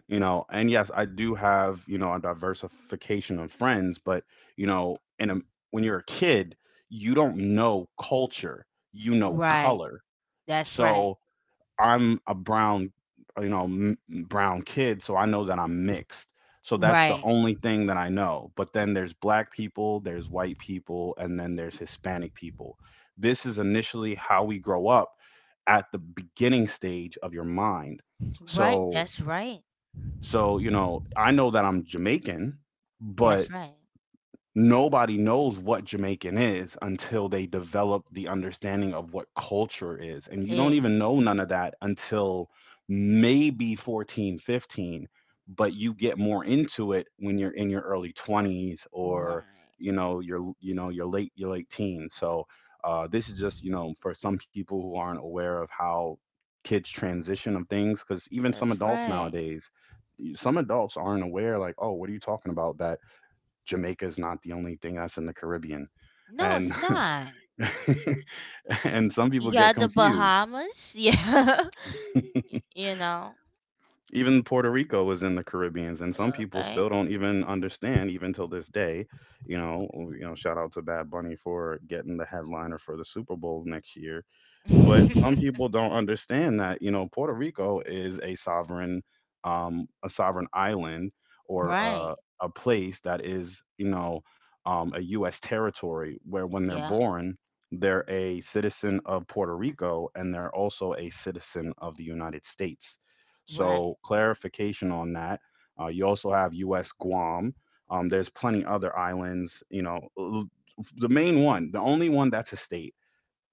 Speaker 1: you know, and yes, I do have, you know, a diversification of friends, but, you know, when you're a kid, you don't know culture, you know
Speaker 2: right.
Speaker 1: color.
Speaker 2: That's right.
Speaker 1: So, I'm a brown, you know, brown kid, so I know that I'm mixed. So that's the
Speaker 2: Right,
Speaker 1: only thing that I know. But then there's black people, there's white people, and then there's Hispanic people. This is initially how we grow up at the beginning stage of your mind.
Speaker 2: right.
Speaker 1: So,
Speaker 2: That's right.
Speaker 1: you know, I know that I'm Jamaican, but
Speaker 2: That's right.
Speaker 1: nobody knows what Jamaican is until they develop the understanding of what culture is. And you don't
Speaker 2: It's
Speaker 1: even know none of that until maybe 14, 15. But you get more into it when you're in your early 20s, or
Speaker 2: right.
Speaker 1: your late teens. So this is just, you know, for some people who aren't aware of how kids transition of things, because even some
Speaker 2: That's
Speaker 1: adults
Speaker 2: right.
Speaker 1: nowadays, some adults aren't aware, like, oh, what are you talking about? That Jamaica is not the only thing that's in the Caribbean.
Speaker 2: No,
Speaker 1: And
Speaker 2: it's not.
Speaker 1: *laughs* and some
Speaker 2: You
Speaker 1: people get
Speaker 2: got the
Speaker 1: confused.
Speaker 2: Bahamas. *laughs* Yeah. You know.
Speaker 1: Even Puerto Rico was in the Caribbeans, and some
Speaker 2: Yeah,
Speaker 1: people
Speaker 2: okay.
Speaker 1: still don't even understand, even till this day. You know, oh, you know, shout out to Bad Bunny for getting the headliner for the Super Bowl next year. But some
Speaker 2: *laughs*
Speaker 1: people don't understand that, you know, Puerto Rico is a sovereign island, or a,
Speaker 2: Right.
Speaker 1: a place that is, you know, a U.S. territory, where when they're
Speaker 2: Yeah.
Speaker 1: born they're a citizen of Puerto Rico, and they're also a citizen of the United States.
Speaker 2: Right.
Speaker 1: So clarification on that. You also have U.S. Guam. There's plenty other islands. You know, the main one, the only one that's a state,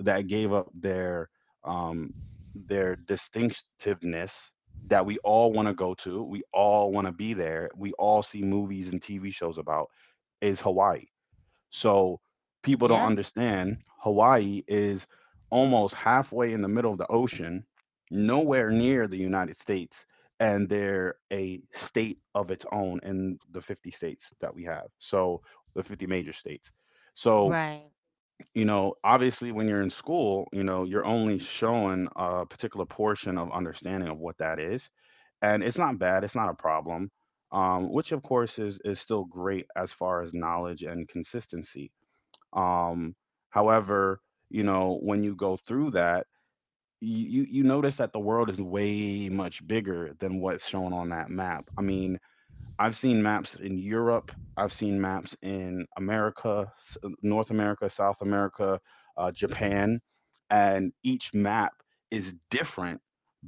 Speaker 1: that gave up um, their distinctiveness, that we all want to go to. We all want to be there. We all see movies and TV shows about, is Hawaii. So people don't
Speaker 2: Yeah.
Speaker 1: understand Hawaii is almost halfway in the middle of the ocean, nowhere near the United States, and they're a state of its own in the 50 states that we have. So the 50 major states. So,
Speaker 2: Right,
Speaker 1: you know, obviously when you're in school, you know, you're only showing a particular portion of understanding of what that is. And it's not bad, it's not a problem. Which of course is still great as far as knowledge and consistency. um, However, you know, when you go through that, you notice that the world is way much bigger than what's shown on that map. I mean, I've seen maps in Europe. I've seen maps in America, North America, South America, Japan, and each map is different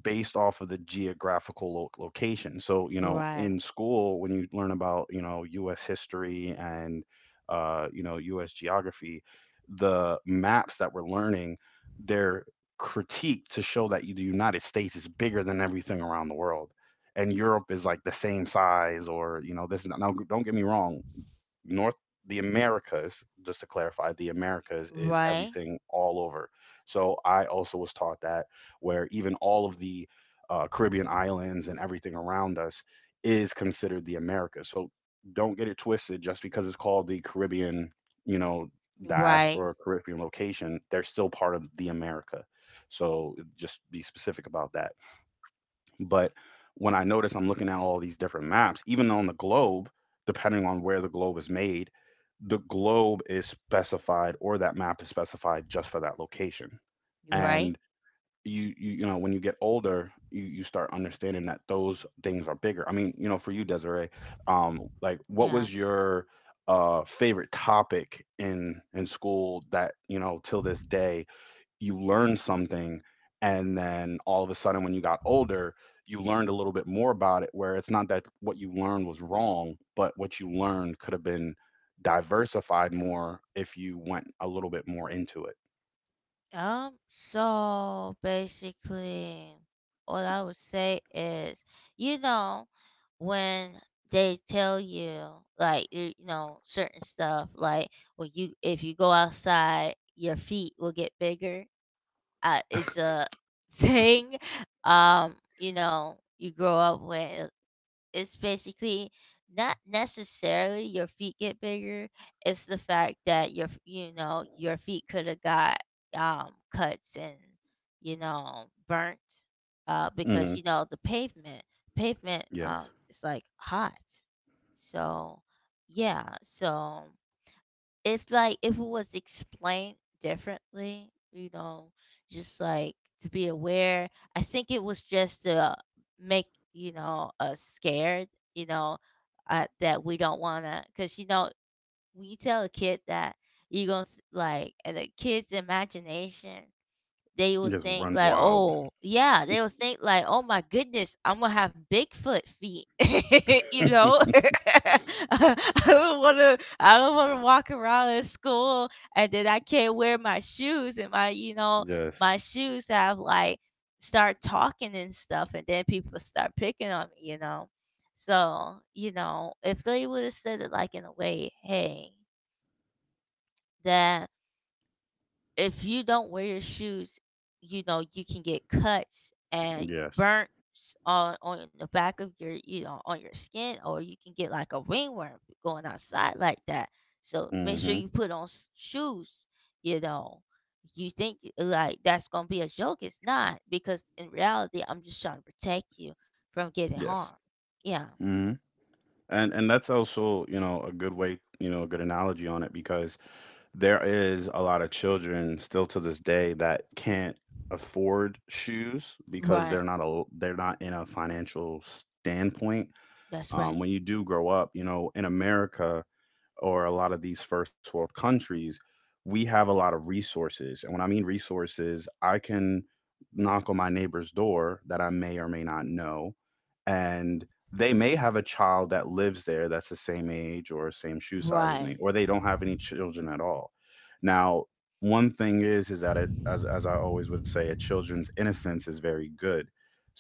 Speaker 1: based off of the geographical location. So, you know, in
Speaker 2: right,
Speaker 1: school, when you learn about, you know, U.S. history and, you know, U.S. geography, the maps that we're learning, they're critiqued to show that the United States is bigger than everything around the world, and Europe is like the same size, or you know this is that. Now, don't get me wrong, north the Americas, just to clarify, the Americas is
Speaker 2: right,
Speaker 1: everything all over, so I also was taught that, where even all of the Caribbean islands and everything around us is considered the Americas. So don't get it twisted, just because it's called the Caribbean, you know,
Speaker 2: right,
Speaker 1: diaspora Caribbean location, they're still part of the America. So just be specific about that. But when I notice I'm looking at all these different maps, even on the globe, depending on where the globe is made, the globe is specified, or that map is specified just for that location. And
Speaker 2: right.
Speaker 1: you know, when you get older, you start understanding that those things are bigger. I mean, you know, for you, Desiree, like, what
Speaker 2: Yeah.
Speaker 1: was your favorite topic in school that, you know, till this day you learned something, and then all of a sudden when you got older you learned a little bit more about it, where it's not that what you learned was wrong, but what you learned could have been diversified more if you went a little bit more into it.
Speaker 2: So basically, what I would say is, you know, when they tell you, like, you know, certain stuff, like, when you if you go outside, your feet will get bigger. It's a *laughs* thing. You grow up with It's basically not necessarily your feet get bigger, it's the fact that your f- you know your feet could have got cuts and burnt,
Speaker 1: Hmm.
Speaker 2: because the pavement
Speaker 1: Yes.
Speaker 2: is, like, hot. So, yeah, so if it was explained differently, you know, just, like, to be aware. I think it was just to make us scared. You know, that we don't wanna, because you know when you tell a kid that, you gonna s- like and the kid's imagination,
Speaker 1: It just runs wild.
Speaker 2: They will think like, "Oh my goodness, Imma have Bigfoot feet." *laughs* You know? *laughs* I I don't wanna walk around at school and then I can't wear my shoes, and my,
Speaker 1: Yes.
Speaker 2: my shoes have, like, start talking and stuff, and then people start picking on me, you know? So, you know, if they would've said it, like, in a way, "Hey, that if you don't wear your shoes, you know, you can get cuts and
Speaker 1: Yes.
Speaker 2: burnt on the back of your, on your skin, or you can get like a ringworm going outside like that, so make sure
Speaker 1: Hmm.
Speaker 2: you put on shoes, you know." You think, like, that's gonna be a joke. It's not, because in reality I'm just trying to protect you from getting harmed.
Speaker 1: Yes.
Speaker 2: Yeah.
Speaker 1: Hmm. And that's also, you know, a good way, you know, a good analogy on it, because there is a lot of children still to this day that can't afford shoes, because
Speaker 2: Right.
Speaker 1: they're not in a financial standpoint.
Speaker 2: That's right.
Speaker 1: When you do grow up, you know, in America, or a lot of these first world countries, we have a lot of resources. And when I mean resources, I can knock on my neighbor's door that I may or may not know. And they may have a child that lives there that's the same age or same shoe size as
Speaker 2: Right.
Speaker 1: me, or they don't have any children at all. Now, one thing is that it, as I always would say, a children's innocence is very good.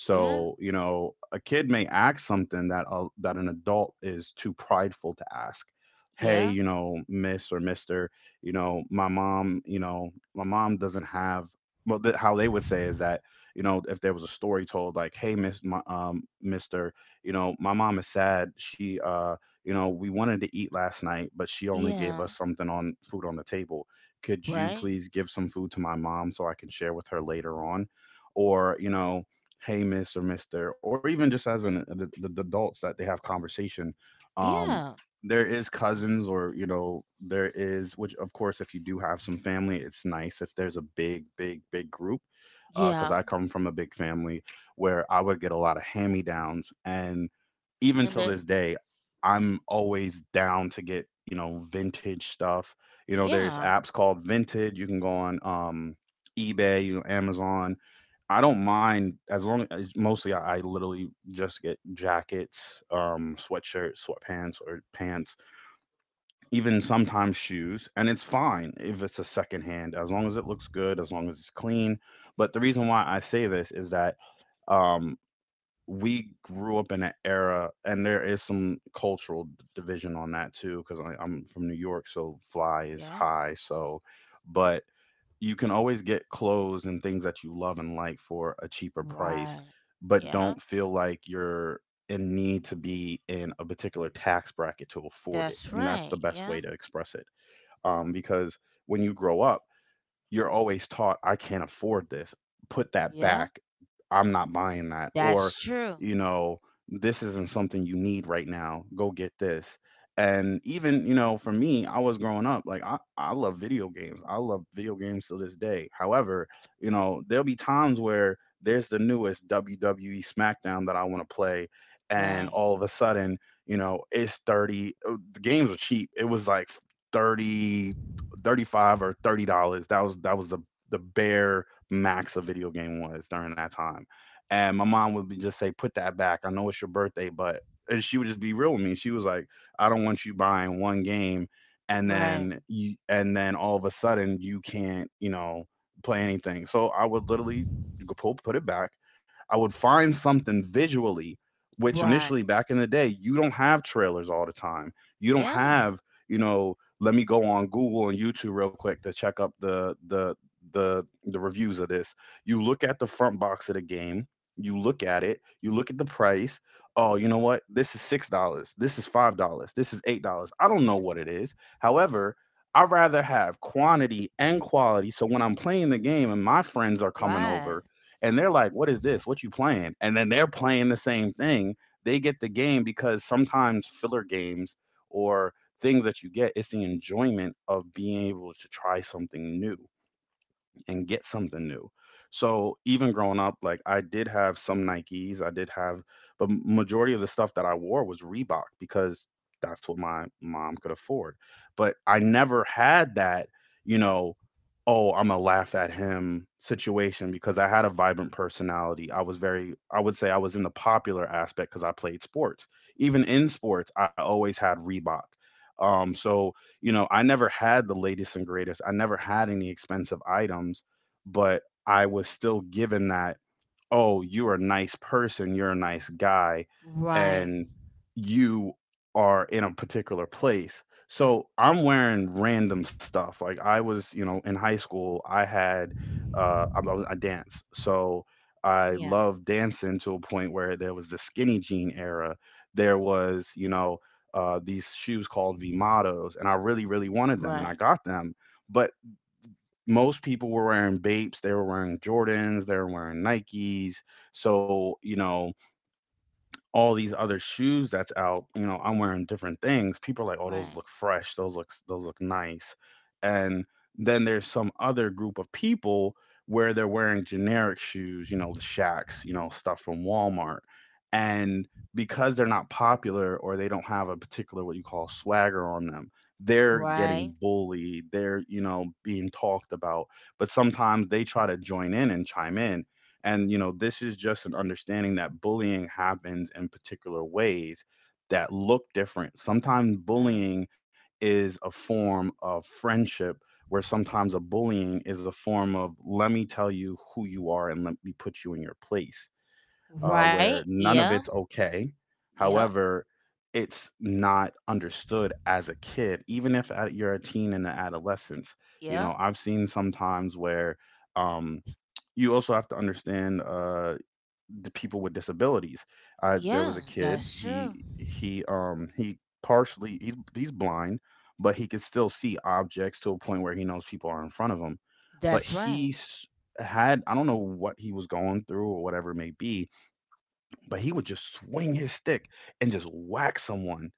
Speaker 2: Yeah,
Speaker 1: you know, a kid may ask something that that an adult is too prideful to ask. Hey,
Speaker 2: yeah,
Speaker 1: you know, miss or mister, you know, my mom doesn't have, well, how they would say is that, you know, if there was a story told, like, hey, miss, mister, you know, my mom is sad. She, you know, we wanted to eat last night, but she only gave
Speaker 2: yeah.
Speaker 1: us something on food on the table. Could you
Speaker 2: Right.
Speaker 1: please give some food to my mom so I can share with her later on? Or, you know, hey, miss or mister, or even just as the adults that they have conversation. um
Speaker 2: Yeah,
Speaker 1: there is cousins, or you know there is, which of course, if you do have some family, it's nice if there's a big big big group, because
Speaker 2: yeah.
Speaker 1: I come from a big family, where I would get a lot of hand me downs. And even
Speaker 2: And
Speaker 1: till
Speaker 2: the
Speaker 1: this day, I'm always down to get, you know, vintage stuff. You know, there's
Speaker 2: Yeah,
Speaker 1: apps called vintage, you can go on, eBay, you know, Amazon. I don't mind, as long as mostly I literally just get jackets, sweatshirts, sweatpants, or pants, even sometimes shoes, and it's fine if it's a secondhand, as long as it looks good, as long as it's clean. But the reason why I say this is that, um we grew up in an era, and there is some cultural division on that too, because I'm from New York, so fly is
Speaker 2: yeah,
Speaker 1: high. So but you can always get clothes and things that you love and like for a cheaper price,
Speaker 2: right.
Speaker 1: but
Speaker 2: Yeah,
Speaker 1: don't feel like you're in need to be in a particular tax bracket to afford it.
Speaker 2: that's
Speaker 1: And that's the
Speaker 2: right.
Speaker 1: best
Speaker 2: Yeah,
Speaker 1: way to express it. Because when you grow up, you're always taught, "I can't afford this, put that
Speaker 2: yeah,
Speaker 1: back, I'm not buying that,"
Speaker 2: that's
Speaker 1: or
Speaker 2: true.
Speaker 1: you know, this isn't something you need right now, go get this. And even you know, for me, I was growing up, like I love video games, I love video games to this day. However, you know, there'll be times where there's the newest WWE SmackDown that I want to play, and
Speaker 2: Right,
Speaker 1: all of a sudden, you know, it's 30, the games were cheap, it was like 30, 35 or $30. That was, that was the bare max a video game was during that time. And my mom would be just say, "Put that back. I know it's your birthday, but..." And she would just be real with me. She was like, "I don't want you buying one game, and
Speaker 2: right,
Speaker 1: then you, and then all of a sudden you can't, you know, play anything." So I would literally go pull, put it back. I would find something visually, which
Speaker 2: right.
Speaker 1: initially, back in the day, you don't have trailers all the time, you don't
Speaker 2: Yeah,
Speaker 1: have, you know, let me go on Google and YouTube real quick to check up the the reviews of this. You look at the front box of the game, you look at it, you look at the price. Oh, you know what? This is $6. This is $5. This is $8. I don't know what it is. However, I rather have quantity and quality. So when I'm playing the game and my friends are coming
Speaker 2: right,
Speaker 1: over and they're like, "What is this? What you playing?" And then they're playing the same thing. They get the game, because sometimes filler games, or things that you get, it's the enjoyment of being able to try something new and get something new. So even growing up, like, I did have some Nikes, I did have, but majority of the stuff that I wore was Reebok, because that's what my mom could afford. But I never had that, you know, "Oh, I'm gonna laugh at him" situation, because I had a vibrant personality. I was very, I would say I was in the popular aspect because I played sports. Even in sports, I always had Reebok. So you know, I never had the latest and greatest, I never had any expensive items, but I was still given that, "Oh, you're a nice person, you're a nice guy,"
Speaker 2: right.
Speaker 1: and you are in a particular place. So I'm wearing random stuff. Like I was, you know, in high school, I had, I dance. So I
Speaker 2: Yeah,
Speaker 1: loved dancing to a point where there was the skinny jean era. There was, you know, these shoes called Vimatos, and I really, really wanted them, and I
Speaker 2: right,
Speaker 1: got them. But most people were wearing Bapes, they were wearing Jordans, they were wearing Nikes. So, you know, all these other shoes that's out, you know, I'm wearing different things. People are like, "Oh, those
Speaker 2: right,
Speaker 1: look fresh. Those look, those look nice." And then there's some other group of people where they're wearing generic shoes, you know, the Shacks, you know, stuff from Walmart. And because they're not popular or they don't have a particular what you call swagger on them, they're getting
Speaker 2: right,
Speaker 1: bullied, they're, you know, being talked about, but sometimes they try to join in and chime in, and, you know, this is just an understanding that bullying happens in particular ways that look different. Sometimes
Speaker 2: right,
Speaker 1: bullying is a form of friendship, where sometimes a bullying is a form of, let me tell you who you are and let me put you in your place,
Speaker 2: right.
Speaker 1: where none of
Speaker 2: Yeah,
Speaker 1: it's okay.
Speaker 2: yeah,
Speaker 1: However, it's not understood as a kid, even if at- you're a teen and an adolescence. You know,
Speaker 2: yeah,
Speaker 1: I've seen sometimes where, um, you also have to understand the people with disabilities. I There
Speaker 2: yeah,
Speaker 1: was a kid,
Speaker 2: that's true.
Speaker 1: he's blind, but he could still see objects to a point where he knows people are in front of him. But
Speaker 2: That's
Speaker 1: he
Speaker 2: right.
Speaker 1: s- Had I don't know what he was going through or whatever it may be, but he would just swing his stick and just whack someone.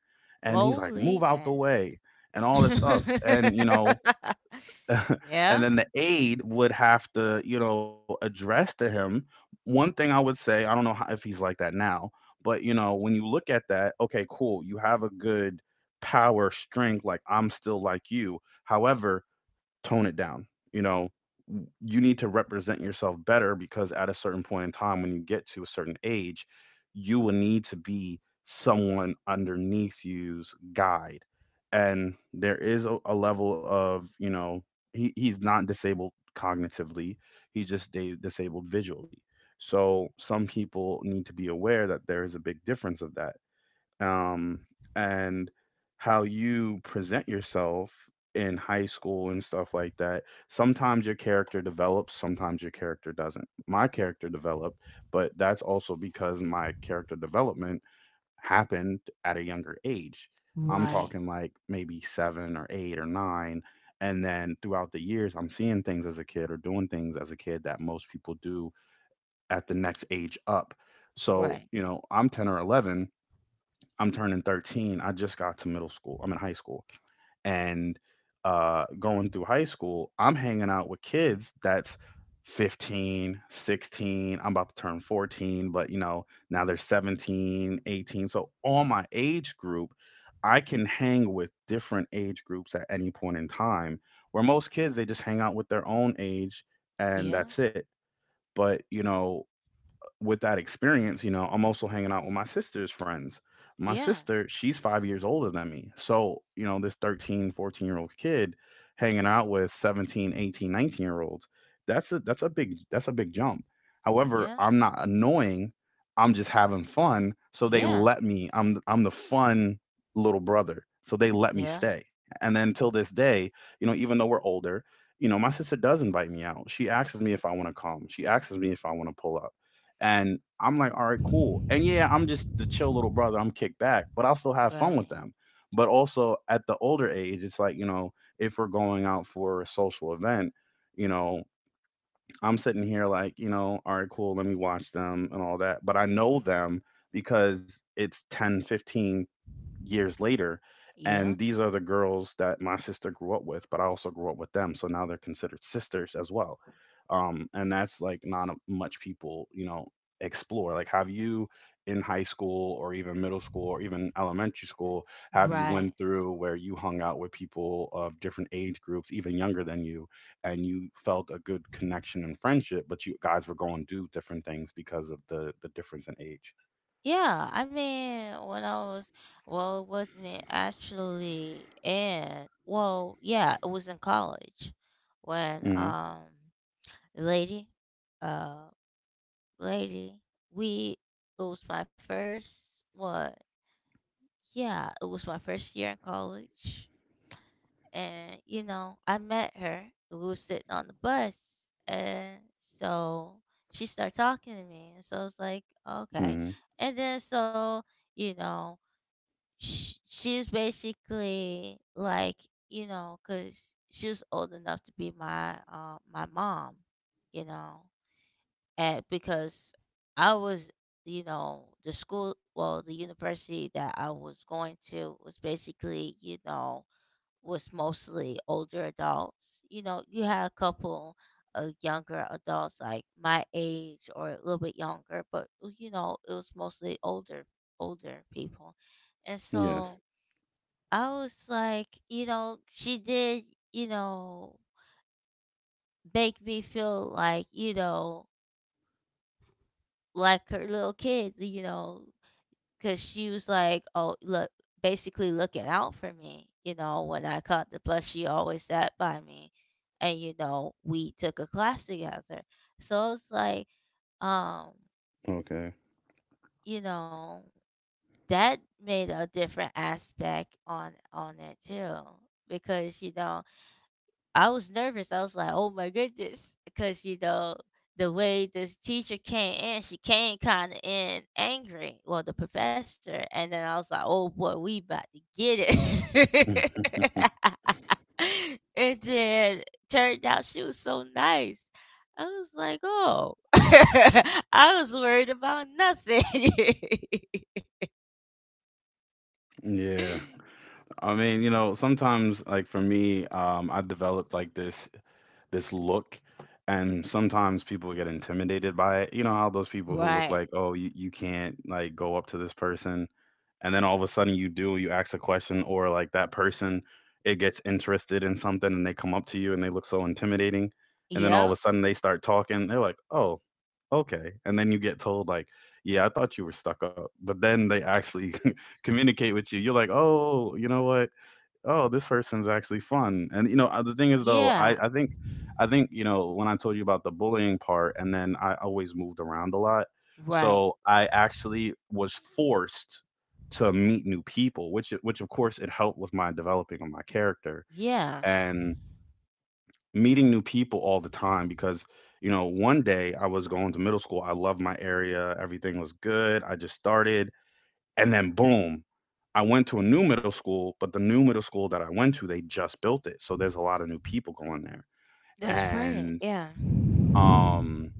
Speaker 1: And he's like, "Move
Speaker 2: Holy
Speaker 1: out the
Speaker 2: mess.
Speaker 1: way." And all this stuff. And you know,
Speaker 2: *laughs*
Speaker 1: *laughs* and
Speaker 2: Yeah,
Speaker 1: then the aide would have to, you know, address to him. One thing I would say, I don't know how, if he's like that now, but you know, when you look at that, okay, cool, you have a good power strength, like I'm still like you. However, tone it down. You know, you need to represent yourself better, because at a certain point in time, when you get to a certain age, you will need to be someone underneath you's guide. And there is a level of, you know, he's not disabled cognitively, he's just disabled visually. So some people need to be aware that there is a big difference of that, um, and how you present yourself in high school and stuff like that. Sometimes your character develops, sometimes your character doesn't. My character developed, but that's also because my character development happened at a younger age. I'm
Speaker 2: right,
Speaker 1: talking like maybe seven or eight or nine. And then throughout the years, I'm seeing things as a kid or doing things as a kid that most people do at the next age up. So,
Speaker 2: right.
Speaker 1: you know, I'm 10 or 11, I'm turning 13. I just got to middle school. I'm in high school. And going through high school, I'm hanging out with kids that's 15, 16. I'm about to turn 14, but you know, now they're 17, 18. So, all my age group, I can hang with different age groups at any point in time. Where most kids, they just hang out with their own age, and
Speaker 2: Yeah.
Speaker 1: that's it. But, you know, with that experience, you know, I'm also hanging out with my sister's friends. My
Speaker 2: Yeah,
Speaker 1: sister, she's 5 years older than me. So, you know, this 13, 14-year-old kid hanging out with 17, 18, 19-year-olds, that's a, that's a big, that's a big jump. However,
Speaker 2: yeah,
Speaker 1: I'm not annoying. I'm just having fun. So they
Speaker 2: yeah,
Speaker 1: let me. I'm the fun little brother. So they let me
Speaker 2: yeah,
Speaker 1: stay. And then till this day, you know, even though we're older, you know, my sister does invite me out. She asks me if I want to come. She asks me if I want to pull up. And I'm like, all right, cool. And yeah, I'm just the chill little brother. I'm kicked back, but I'll still have fun with
Speaker 2: right.
Speaker 1: them. But also at the older age, it's like, you know, if we're going out for a social event, you know, I'm sitting here like, you know, all right, cool, let me watch them and all that. But I know them because it's 10, 15 years later. And
Speaker 2: Yeah,
Speaker 1: these are the girls that my sister grew up with, but I also grew up with them. So now they're considered sisters as well. And that's like not much people, you know, explore. Like, have you in high school or even middle school or even elementary school, have you
Speaker 2: right.
Speaker 1: went through where you hung out with people of different age groups, even younger than you, and you felt a good connection and friendship, but you guys were going to do different things because of the difference in age?
Speaker 2: Yeah, I mean, when I was, well, wasn't it actually in, well, yeah, it was in college when,
Speaker 1: Mm-hmm.
Speaker 2: lady, uh, lady, we, it was my first, what, yeah, it was my first year in college. And I met her, we were sitting on the bus, and so she started talking to me, and so I was like, "Okay."
Speaker 1: Mm-hmm.
Speaker 2: And then, so, you know she's basically like, because she was old enough to be my, my mom, you know. And because I was, you know the school well the university that I was going to was basically, was mostly older adults. You know, you had a couple of younger adults like my age or a little bit younger, but, it was mostly older people. And
Speaker 1: Yes.
Speaker 2: so I was like, she did, you know, make me feel like, like her little kid, because she was like, "Oh, look, basically looking out for me." You know, when I caught the bus, she always sat by me, and, we took a class together. So it was like, um,
Speaker 1: Okay.
Speaker 2: you know, that made a different aspect on it too, because, I was nervous. I was like, "Oh my goodness," because you know the way this teacher came in, she came kind of in angry. Well, the professor, and then I was like, "Oh, boy, we about to get it."
Speaker 1: *laughs*
Speaker 2: *laughs* And then turned out she was so nice. I was like, "Oh," *laughs* I was worried about nothing.
Speaker 1: Yeah.
Speaker 2: *laughs*
Speaker 1: I mean, you know, sometimes like for me, I developed like this look, and sometimes people get intimidated by it. You know how those people who look like,
Speaker 2: Right.
Speaker 1: oh, you can't like go up to this person, and then all of a sudden you do, you ask a question, or like that person, it gets interested in something and they come up to you and they look so intimidating, and then all of a
Speaker 2: Yeah.
Speaker 1: sudden they start talking. They're like, "Oh, okay." And then you get told like, "Yeah, I thought you were stuck up," but then they actually *laughs* communicate with you. You're like, "Oh, you know what? Oh, this person's actually fun." And you know, the thing is though, I
Speaker 2: Yeah.
Speaker 1: think I think, you know, when I told you about the bullying part, and then I always moved around a lot,
Speaker 2: Right.
Speaker 1: so I actually was forced to meet new people, which of course it helped with my developing of my character
Speaker 2: Yeah.
Speaker 1: and meeting new people all the time. Because you know, one day I was going to middle school, I loved my area, everything was good, I just started, and then boom, I went to a new middle school. But the new middle school that I went to, they just built it, so there's a lot of new people going there.
Speaker 2: That's right.
Speaker 1: And
Speaker 2: Yeah.
Speaker 1: um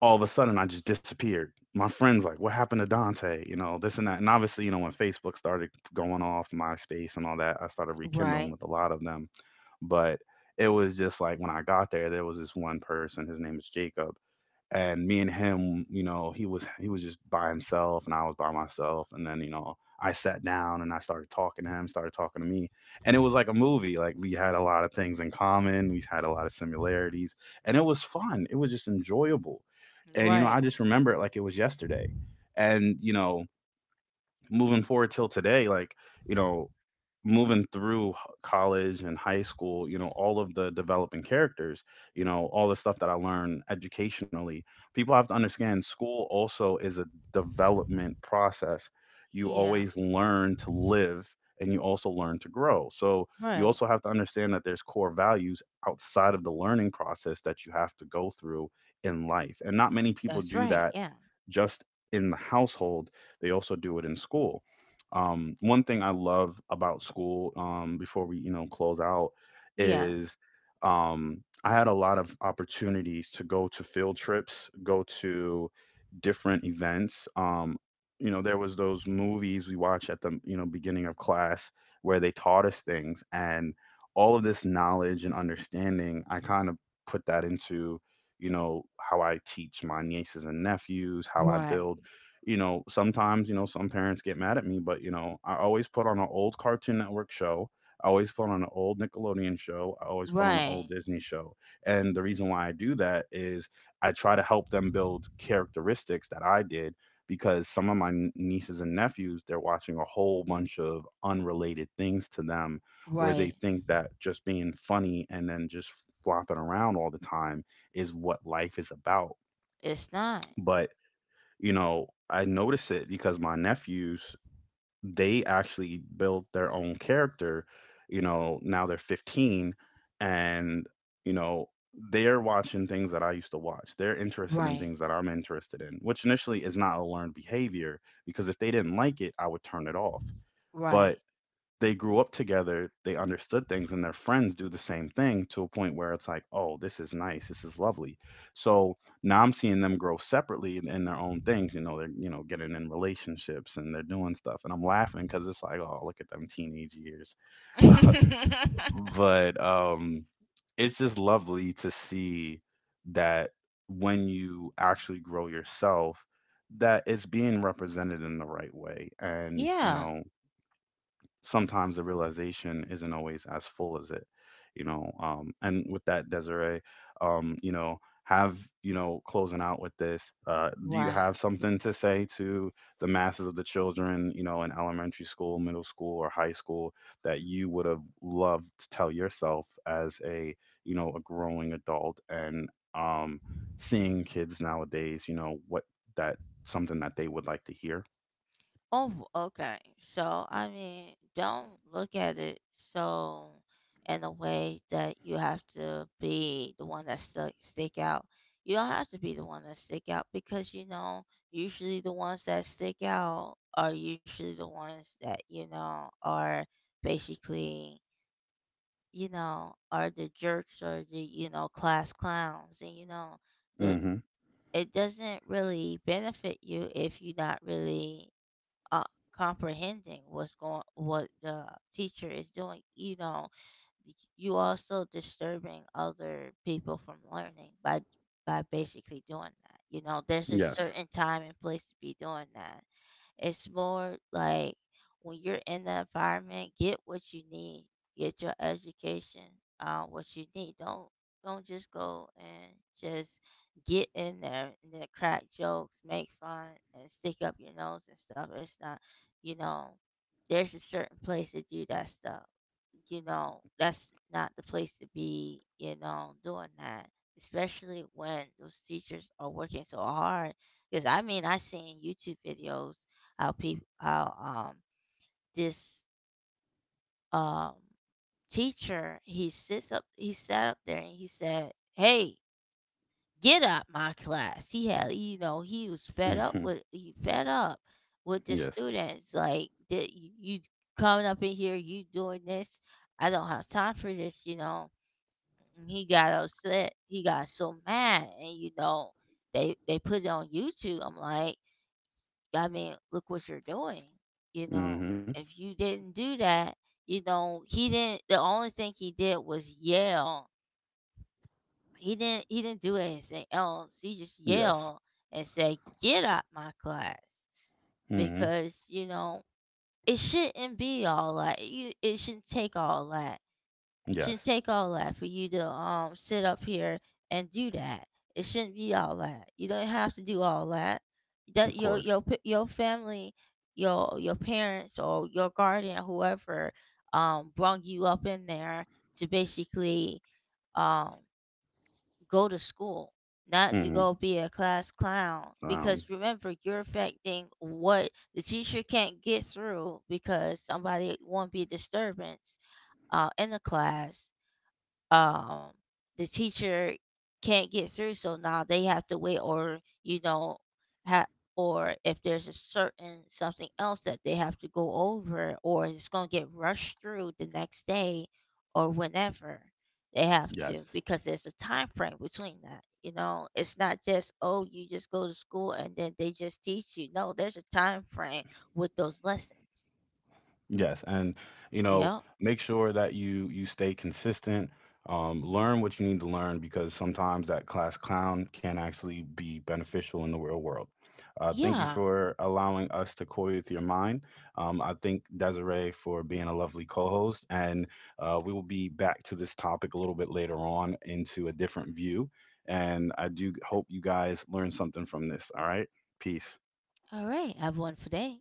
Speaker 1: all of a sudden I just disappeared. My friends like, "What happened to Dante?" You know, this and that. And obviously, you know, when Facebook started going off, MySpace and all that, I started rekindling
Speaker 2: Right,
Speaker 1: with a lot of them. But it was just like, when I got there, there was this one person. His name is Jacob, and me and him, he was just by himself, and I was by myself, and then I sat down and I started talking to him, started talking to me. And it was like a movie. Like we had a lot of things in common. We had a lot of similarities. And it was fun. It was just enjoyable. And I
Speaker 2: right.
Speaker 1: just remember it like it was yesterday. And, moving forward till today, like, you know, moving through college and high school, all of the developing characters, all the stuff that I learned educationally. People have to understand school also is a development process. You
Speaker 2: Yeah.
Speaker 1: always learn to live and you also learn to grow. So you
Speaker 2: Right.
Speaker 1: also have to understand that there's core values outside of the learning process that you have to go through in life. And not many people
Speaker 2: That's
Speaker 1: do
Speaker 2: right.
Speaker 1: that
Speaker 2: Yeah,
Speaker 1: just in the household, they also do it in school. One thing I love about school, before we, close out,
Speaker 2: yeah.
Speaker 1: is I had a lot of opportunities to go to field trips, go to different events. There was those movies we watch at the, beginning of class, where they taught us things, and all of this knowledge and understanding, I kind of put that into how I teach my nieces and nephews, how I build.
Speaker 2: Right,
Speaker 1: Sometimes, some parents get mad at me, but, I always put on an old Cartoon Network show. I always put on an old Nickelodeon show. I always put on an old
Speaker 2: right,
Speaker 1: Disney show. And the reason why I do that is I try to help them build characteristics that I did, because some of my nieces and nephews, they're watching a whole bunch of unrelated things to them, where they
Speaker 2: right.
Speaker 1: think that just being funny and then just flopping around all the time is what life is about.
Speaker 2: It's not.
Speaker 1: But, I notice it because my nephews, they actually built their own character. Now they're 15 and, you know, they're watching things that I used to watch. They're interested in things
Speaker 2: Right,
Speaker 1: that I'm interested in, which initially is not a learned behavior, because if they didn't like it, I would turn it off. But
Speaker 2: right.
Speaker 1: they grew up together, they understood things, and their friends do the same thing, to a point where it's like, oh, this is nice, this is lovely. So now I'm seeing them grow separately in their own things. They're getting in relationships and they're doing stuff, and I'm laughing because it's like, oh, look at them teenage years. But it's just lovely to see that when you actually grow yourself, that it's being represented in the right way,
Speaker 2: *laughs*
Speaker 1: and
Speaker 2: Yeah.
Speaker 1: sometimes the realization isn't always as full as it. And with that, Desiree, have, closing out with this, do you
Speaker 2: Right.
Speaker 1: have something to say to the masses of the children, in elementary school, middle school, or high school, that you would have loved to tell yourself as a you know a growing adult, and seeing kids nowadays, you know what that something that they would like to hear?
Speaker 2: Oh, okay. So, I mean, don't look at it so in a way that you have to be the one that stuck stick out. You don't have to be the one that stick out, because, you know, usually the ones that stick out are usually the ones that, you know, are basically, you know, are the jerks, or the, you know, class clowns, and, you know, the
Speaker 1: Mhm.
Speaker 2: it doesn't really benefit you if you're not really, uh, comprehending what the teacher is doing, you know. You also disturbing other people from learning, by basically doing that. You know, there's a
Speaker 1: Yes.
Speaker 2: certain time and place to be doing that. It's more like, when you're in the environment, get what you need, get your education, what you need. Don't just go and just get in there and then crack jokes, make fun, and stick up your nose and stuff. It's not, you know, there's a certain place to do that stuff. You know, that's not the place to be, you know, doing that. Especially when those teachers are working so hard. Because I mean, I seen YouTube videos how people, how this um teacher, he sits up he sat up there and he said, "Hey, get out my class." He had, you know, he fed up
Speaker 1: *laughs*
Speaker 2: with the
Speaker 1: Yes.
Speaker 2: students, like that. You coming up in here, you doing this, I don't have time for this, you know. And he got upset, he got so mad, and, you know, they put it on YouTube. I'm like, I mean, look what you're doing. You
Speaker 1: Hmm.
Speaker 2: know, if you didn't do that, you know, he didn't. The only thing he did was yell. He didn't. He didn't do anything else. He just
Speaker 1: Yes.
Speaker 2: yelled and said, "Get out my class,"
Speaker 1: Hmm.
Speaker 2: because, you know, it shouldn't be all that. It shouldn't take all that
Speaker 1: Yes.
Speaker 2: shouldn't take all that for you to, sit up here and do that. It shouldn't be all that. You don't have to do all that.
Speaker 1: Of
Speaker 2: That your
Speaker 1: course.
Speaker 2: your p- your family, your parents or your guardian, whoever, brought you up in there to basically, um go to school, not to
Speaker 1: Hmm.
Speaker 2: go be a class clown.
Speaker 1: Um.
Speaker 2: Because remember, you're affecting what the teacher can't get through because somebody won't be a disturbance, in the class, um the teacher can't get through, so now they have to wait, or ha- or if there's a certain something else that they have to go over, or it's going to get rushed through the next day, or whenever they have to,
Speaker 1: Yes.
Speaker 2: because there's a time frame between that. You know, it's not just, "Oh, you just go to school and then they just teach you." No, there's a time frame with those lessons.
Speaker 1: Yes, and you know,
Speaker 2: Yep.
Speaker 1: make sure that you stay consistent. Learn what you need to learn, because sometimes that class clown can actually be beneficial in the real world. Thank you
Speaker 2: Yeah.
Speaker 1: for allowing us to coy with your mind. I thank Desiree for being a lovely co-host, and we will be back to this topic a little bit later on into a different view. And I do hope you guys learn something from this. All right, peace.
Speaker 2: All right, I have one for today.